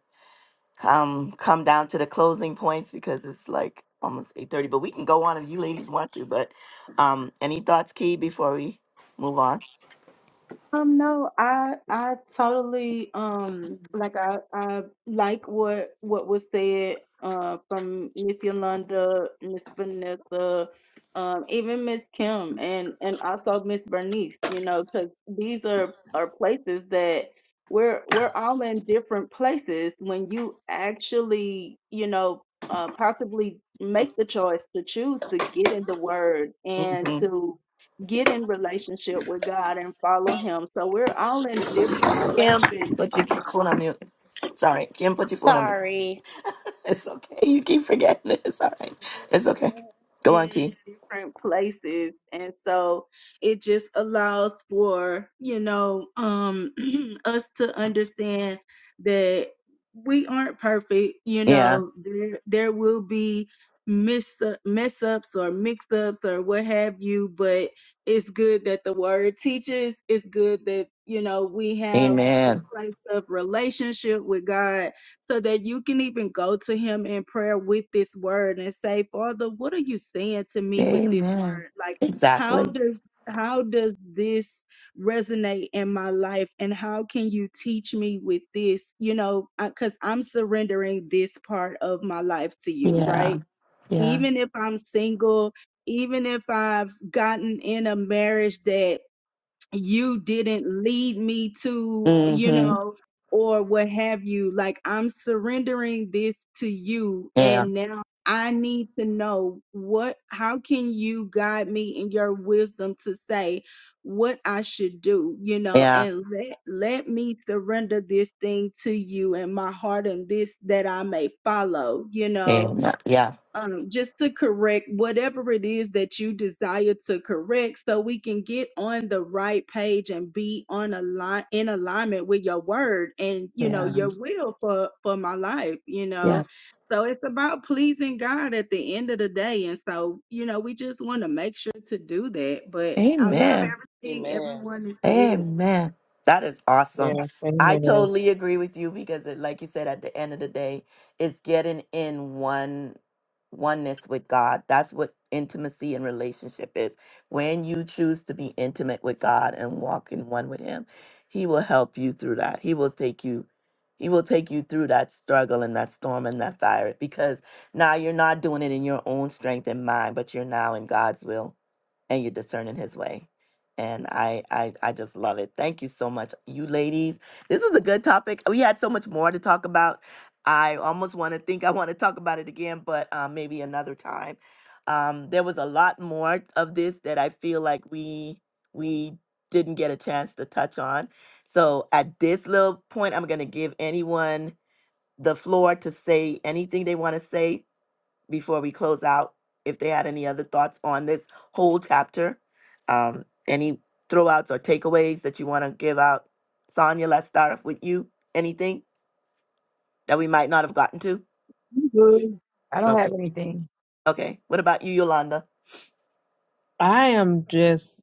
S1: come come down to the closing points because it's like almost 8.30 but we can go on if you ladies want to but um any thoughts key before we move on
S6: Um, no, I I totally um like I I like what what was said uh from Miss Yolanda, Miss Vanessa, um even Miss Kim and and also Miss Bernice, you know, because these are are places that we're we're all in different places when you actually, you know, uh possibly make the choice to choose to get in the word and
S1: hmm
S6: to get in relationship with God and follow Him. So we're all in different
S1: kim
S6: places
S1: put your k- phone on mute sorry kim put your phone on mute it's okay you keep forgetting it. it's all right
S6: We're
S1: it's okay
S6: all
S1: go on
S6: in
S1: key
S6: different places and so it just allows for you know um us to understand that we aren't perfect you
S1: yeah
S6: know there there will be miss mess ups or mix ups or what have you but it's good that the word teaches it's good that you know we have the
S1: amen
S6: place of relationship with God so that you can even go to him in prayer with this word and say, Father, what are you saying to me with this
S1: amen
S6: word? Like
S1: exactly
S6: how does how does this resonate in my life and how can you teach me with this you know because i'm surrendering this part of my life to you
S1: yeah
S6: right
S1: yeah
S6: even if i'm single even if i've gotten in a marriage that you didn't lead me to, you
S1: mm-hmm.
S6: know, or what have you. Like, I'm surrendering this to you.
S1: yeah
S6: And now I need to know what, how can you guide me in your wisdom to say what I should do, you know,
S1: yeah
S6: and let, let me surrender this thing to you and my heart and this that I may follow, you know
S1: amen yeah
S6: um, just to correct whatever it is that you desire to correct so we can get on the right page and be on a line in alignment with your word and you know
S1: yeah
S6: your will for for my life you know
S1: yes
S6: so it's about pleasing god at the end of the day and so you know we just want to make sure to do that but i love
S1: amen
S6: everything
S7: Amen.
S6: everyone has said
S1: Amen. That is awesome.
S4: Yeah.
S1: I
S4: Amen.
S1: totally agree with you because it, like you said at the end of the day, it's getting in one oneness with God. That's what intimacy and relationship is. When you choose to be intimate with God and walk in one with him, he will help you through that. He will take you he will take you through that struggle and that storm and that fire because now you're not doing it in your own strength and mind, but you're now in God's will and you're discerning his way and I, I I just love it. Thank you so much, you ladies. This was a good topic. We had so much more to talk about. I almost want to think I want to talk about it again, but um, maybe another time. Um, there was a lot more of this that I feel like we we didn't get a chance to touch on. So at this little point, I'm gonna give anyone the floor to say anything they want to say before we close out if they had any other thoughts on this whole chapter. Um, any throwouts or takeaways that you want to give out? Sonia, let's start off with you. Anything that we might not have gotten to?
S2: You good. I
S1: No.
S2: don't have anything.
S1: Okay. What about you, Yolanda?
S4: I am just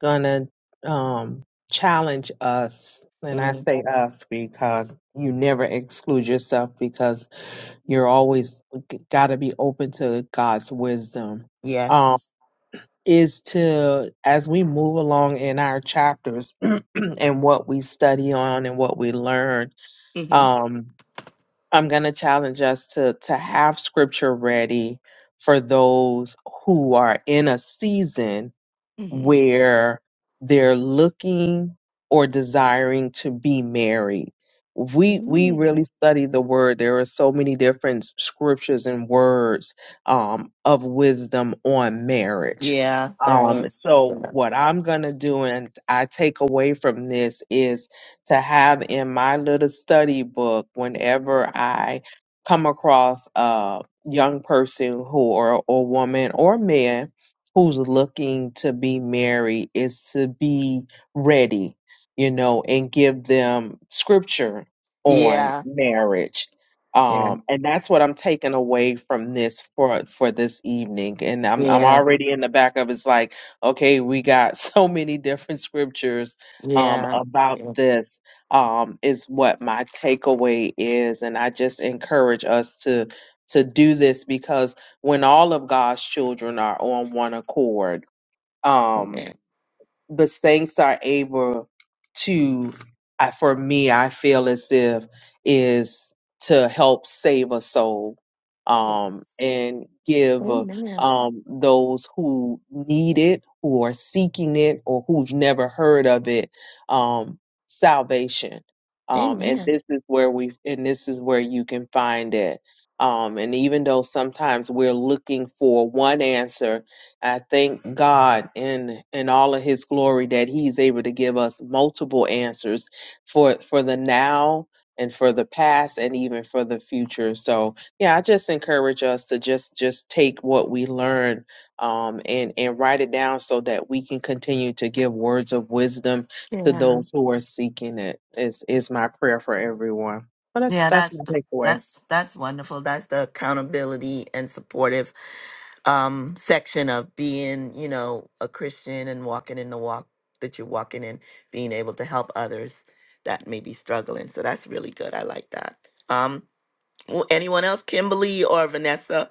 S4: gonna um challenge us, and I
S1: Mm,
S4: say us because you never exclude yourself because you're always got to be open to God's wisdom. Um,
S1: yes.
S4: is to as we move along in our chapters and what we study on and what we learn.
S1: hmm
S4: Um, I'm going to challenge us to to have scripture ready for those who are in a season where they're looking or desiring to be married. If We we
S1: hmm
S4: really study the word. There are so many different scriptures and words um, of wisdom on marriage.
S1: Yeah, there
S4: Um,
S1: is.
S4: so
S1: Yeah.
S4: what I'm gonna do and I take away from this is to have in my little study book whenever I come across a young person who or or woman or man who's looking to be married is to be ready, you know, and give them scripture on
S1: Yeah.
S4: marriage. Um, and that's what I'm taking away from this for for this evening. And
S1: Yeah.
S4: I'm I'm
S1: Yeah.
S4: already in the back of it's like, okay, we got so many different scriptures um
S1: Yeah.
S4: about
S1: yeah.
S4: this um is what my takeaway is. And I just encourage us to to do this because when all of God's children are on one accord. Um,
S1: Amen.
S4: the saints are able to I, for me i feel as if is to help save a soul um
S1: Yes.
S4: and give uh,
S1: Amen.
S4: um those who need it who are seeking it or who've never heard of it um salvation um and
S1: Amen.
S4: this is where we and this is where you can find it um and even though sometimes we're looking for one answer I thank God in in all of his glory that he's able to give us multiple answers for for the now and for the past and even for the future. So yeah, I just encourage us to just just take what we learn um and and write it down so that we can continue to give words of wisdom to
S1: Yeah.
S4: those who are seeking it. Is is my prayer for everyone. Well that's
S1: Yeah,
S4: that's
S1: that's
S4: my
S1: th-
S4: takeaway.
S1: that's that's wonderful. That's the accountability and supportive um section of being, you know, a Christian and walking in the walk that you're walking in, being able to help others that may be struggling. So that's really good. I like that. Um w- anyone else, Kimberly or Vanessa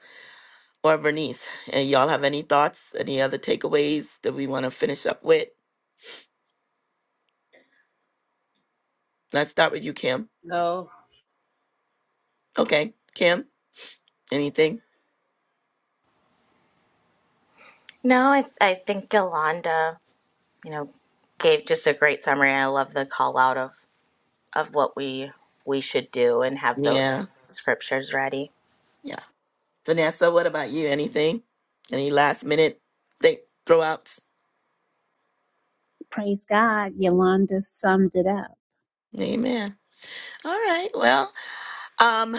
S1: or Bernice? And y'all have any thoughts, any other takeaways that we want to finish up with? Let's start with you, Kim.
S7: No.
S1: Okay. Kim, anything?
S5: No, I, I think Yolanda, you know, gave just a great summary. I love the call out of, of what we we should do and have the
S1: Yeah.
S5: scriptures ready.
S1: Yeah. Vanessa, what about you? Anything? Any last minute think throwouts?
S3: praise god yolanda summed it up
S1: Amen. All right. Well, Um,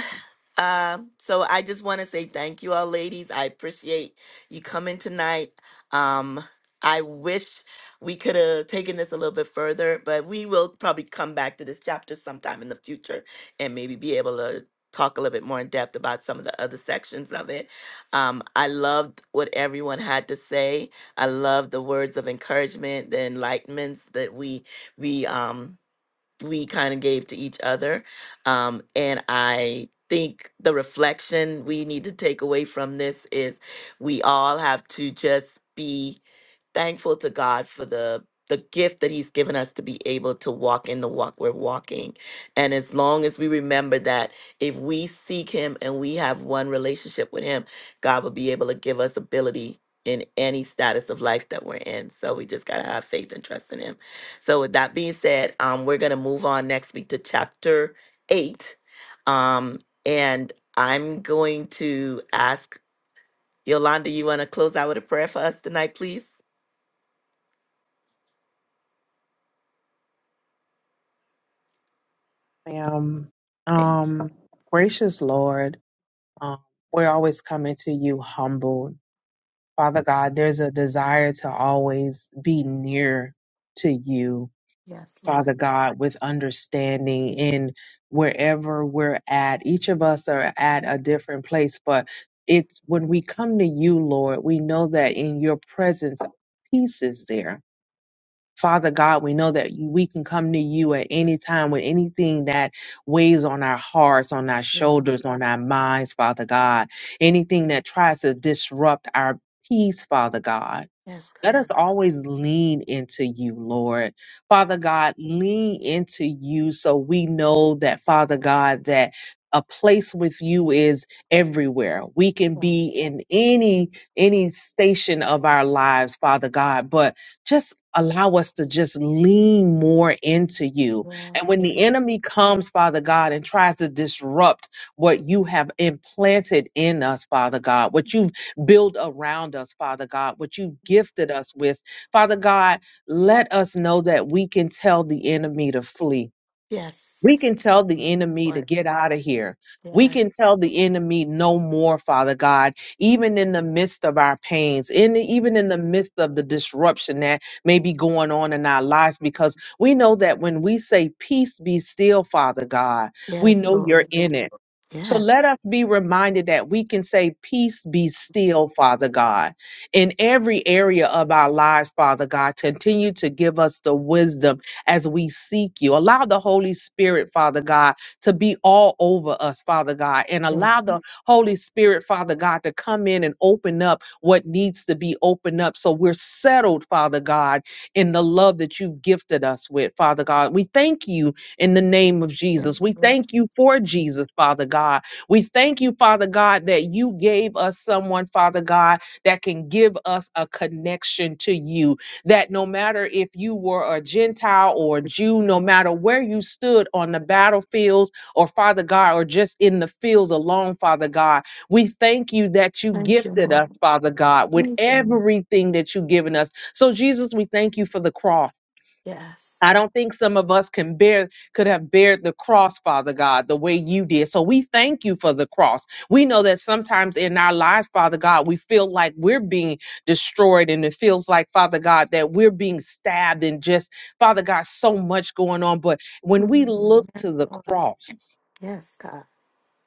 S1: um, so I just want to say thank you all, ladies. I appreciate you coming tonight. Um, I wish we could have taken this a little bit further, but we will probably come back to this chapter sometime in the future and maybe be able to talk a little bit more in depth about some of the other sections of it. Um, I loved what everyone had to say. I loved the words of encouragement, the enlightenments that we we um we kind of gave to each other. Um, and I think the reflection we need to take away from this is we all have to just be thankful to God for the the gift that he's given us to be able to walk in the walk we're walking. And as long as we remember that if we seek him and we have one relationship with him, God will be able to give us ability in any status of life that we're in. So we just got to have faith and trust in him. So with that being said, um we're going to move on next week to chapter 8. Um and I'm going to ask Yolanda, you want to close out with a prayer for us tonight, please?
S4: Um
S1: Thank
S4: um gracious Lord. Um, we're always coming to you humbled. Father God, there's a desire to always be near to you,
S1: Yes,
S4: Father
S1: Lord.
S4: God, with understanding in wherever we're at. Each of us are at a different place, but it's when we come to you, Lord, we know that in your presence, peace is there. Father God, we know that we can come to you at any time with anything that weighs on our hearts, on our shoulders,
S1: Yes.
S4: on our minds, Father God. Anything that tries to disrupt our peace, Father God.
S1: Yes,
S4: Let us
S1: God.
S4: always lean into you, Lord. Father God, lean into you so we know that, Father God, that a place with you is everywhere. We can be in any any station of our lives, Father God, but just allow us to just lean more into you. And
S1: Yes,
S4: when the
S1: Lord.
S4: enemy comes, Father God, and tries to disrupt what you have implanted in us, Father God, what you've build around us, Father God, what you've gifted us with. Father God, let us know that we can tell the enemy to flee.
S1: Yes.
S4: We can tell the
S1: Yes,
S4: enemy to
S1: Lord.
S4: get out of here. We can tell
S1: Yes.
S4: the enemy no more, Father God, even in the midst of our pains, in the, even in the
S1: Yes.
S4: midst of the disruption that may be going on in our lives, because we know that when we say, Peace be still, Father God, we
S1: Yes,
S4: know you're
S1: Lord.
S4: in it. So
S1: Yes.
S4: let us be reminded that we can say, Peace be still, Father God, in every area of our lives, Father God. Continue to give us the wisdom as we seek you. Allow the Holy Spirit, Father God, to be all over us, Father God, and
S1: Thank
S4: allow
S1: you,
S4: the Holy Spirit, Father God, to come in and open up what needs to be opened up so we're settled, Father God, in the love that you've gifted us with, Father God. We thank you in the name of Jesus. We
S1: Lord.
S4: thank you for Jesus, Father God. We thank you, Father God, that you gave us someone, Father God, that can give us a connection to you. That no matter if you were a Gentile or a Jew, no matter where you stood on the battlefields or, Father God, or just in the fields alone, Father God, we thank you that you
S1: Thank you,
S4: gifted
S1: Lord.
S4: us, Father God, with
S1: Mm.
S4: everything that you've given us. So, Jesus, we thank you for the cross. I
S1: Yes.
S4: don't think some of us can bear could have bared the cross, Father God, the way you did. So we thank you for the cross. We know that sometimes in our lives, Father God, we feel like we're being destroyed and it feels like, Father God, that we're being stabbed and just, Father God, so much going on. But when we
S1: Mm.
S4: look
S1: Yes,
S4: to the
S1: Lord.
S4: cross,
S1: Yes, God.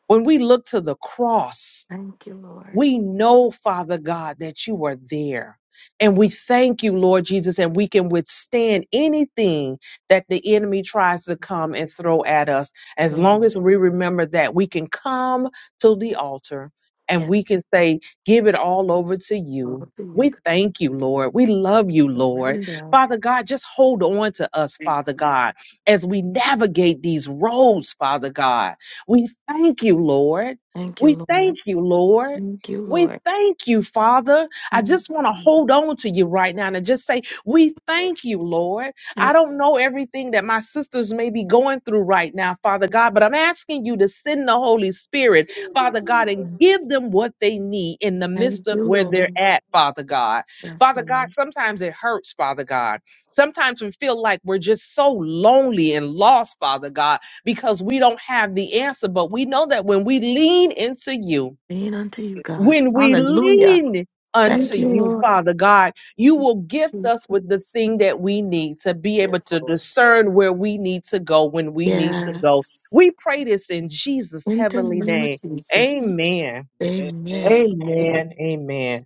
S4: when we look to the cross,
S1: Thank you, Lord.
S4: we know, Father God, that you are there. And we thank you, Lord Jesus, and we can withstand anything that the enemy tries to come and throw at us. As long
S1: Mm.
S4: as we remember that, we can come to the altar and we can
S1: Yes.
S4: say, Give it all over to
S1: All
S4: you.
S1: to you.
S4: We
S1: God,
S4: thank you, Lord. We love you, Lord.
S1: Surrender.
S4: Father God, just hold on to us, Father God, as we navigate these roads, Father God. We thank you, Lord.
S1: Thank you,
S4: We
S1: Lord.
S4: thank you, Lord.
S1: Thank you,
S4: We
S1: Lord.
S4: thank you, Father. I
S1: Thank
S4: just want to
S1: you.
S4: hold on to you right now and just say, We
S7: Thank
S4: thank you, Lord. I
S1: Thank
S4: don't know everything that my sisters may be going through right now, Father God, but I'm asking you to send the Holy Spirit,
S7: you,
S4: Father God,
S7: Jesus. Thank
S4: and give them what they need in the midst
S1: thank
S4: of
S1: you,
S4: where they're
S1: Lord.
S4: at, Father God.
S1: Yes,
S4: Father God,
S1: Lord.
S4: sometimes it hurts, Father God. Sometimes we feel like we're just so lonely and lost, Father God, because we don't have the answer, but we know that when we lean into you,
S1: Lean unto you,
S7: you,
S1: God.
S7: Jesus.
S4: when we
S1: Hallelujah.
S4: lean
S7: Thank
S4: unto
S1: Thank you,
S7: you,
S4: you,
S1: Lord
S4: Father God, you will gift us with the
S1: Jesus.
S4: thing that we need to be able to
S7: Jesus.
S4: discern where we need to go when we need to go.
S1: Yes.
S4: We pray this in Jesus'
S1: In the
S4: heavenly
S1: name of
S4: name.
S1: Jesus.
S4: Amen.
S1: Amen.
S7: Amen.
S4: Amen. Amen.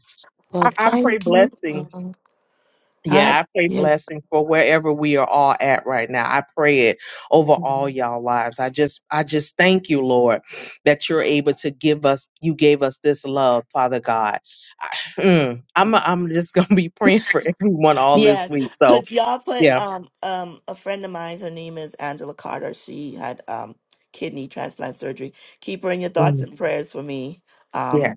S4: I,
S1: Well,
S4: I pray blessing. Yeah,
S1: God.
S4: I pray blessing for wherever we are all at right now. I pray it over
S1: Yes.
S4: all y'all lives. I just I just thank you, Lord, that you're able to give us you gave us this love, Father God. Mm, I'm I'm just gonna be praying for everyone all this
S1: Yes.
S4: week. So
S1: Could y'all put
S4: yeah,
S1: um um a friend of mine's? her name is Angela Carter. She had um kidney transplant surgery. Keep her in your thoughts
S4: Mm,
S1: and prayers for me.
S4: yeah.
S1: Um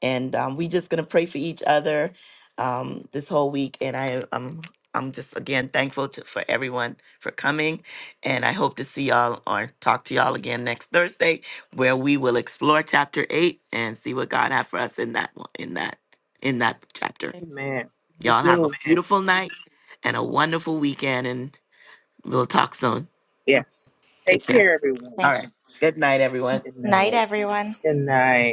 S1: and um we just gonna pray for each other um this whole week and I um I'm just again thankful to, for everyone for coming and I hope to see y'all or talk to y'all again next Thursday where we will explore chapter 8 and see what God has for us in that one- in that in that chapter.
S4: Amen. You
S1: Y'all have a
S4: do.
S1: beautiful night and a wonderful weekend, and we'll talk soon.
S4: Yes. Take
S1: Take care.
S4: care, everyone.
S5: Okay.
S1: All right. Good night, everyone.
S4: Good
S5: Night,
S4: night.
S5: everyone.
S4: Good night.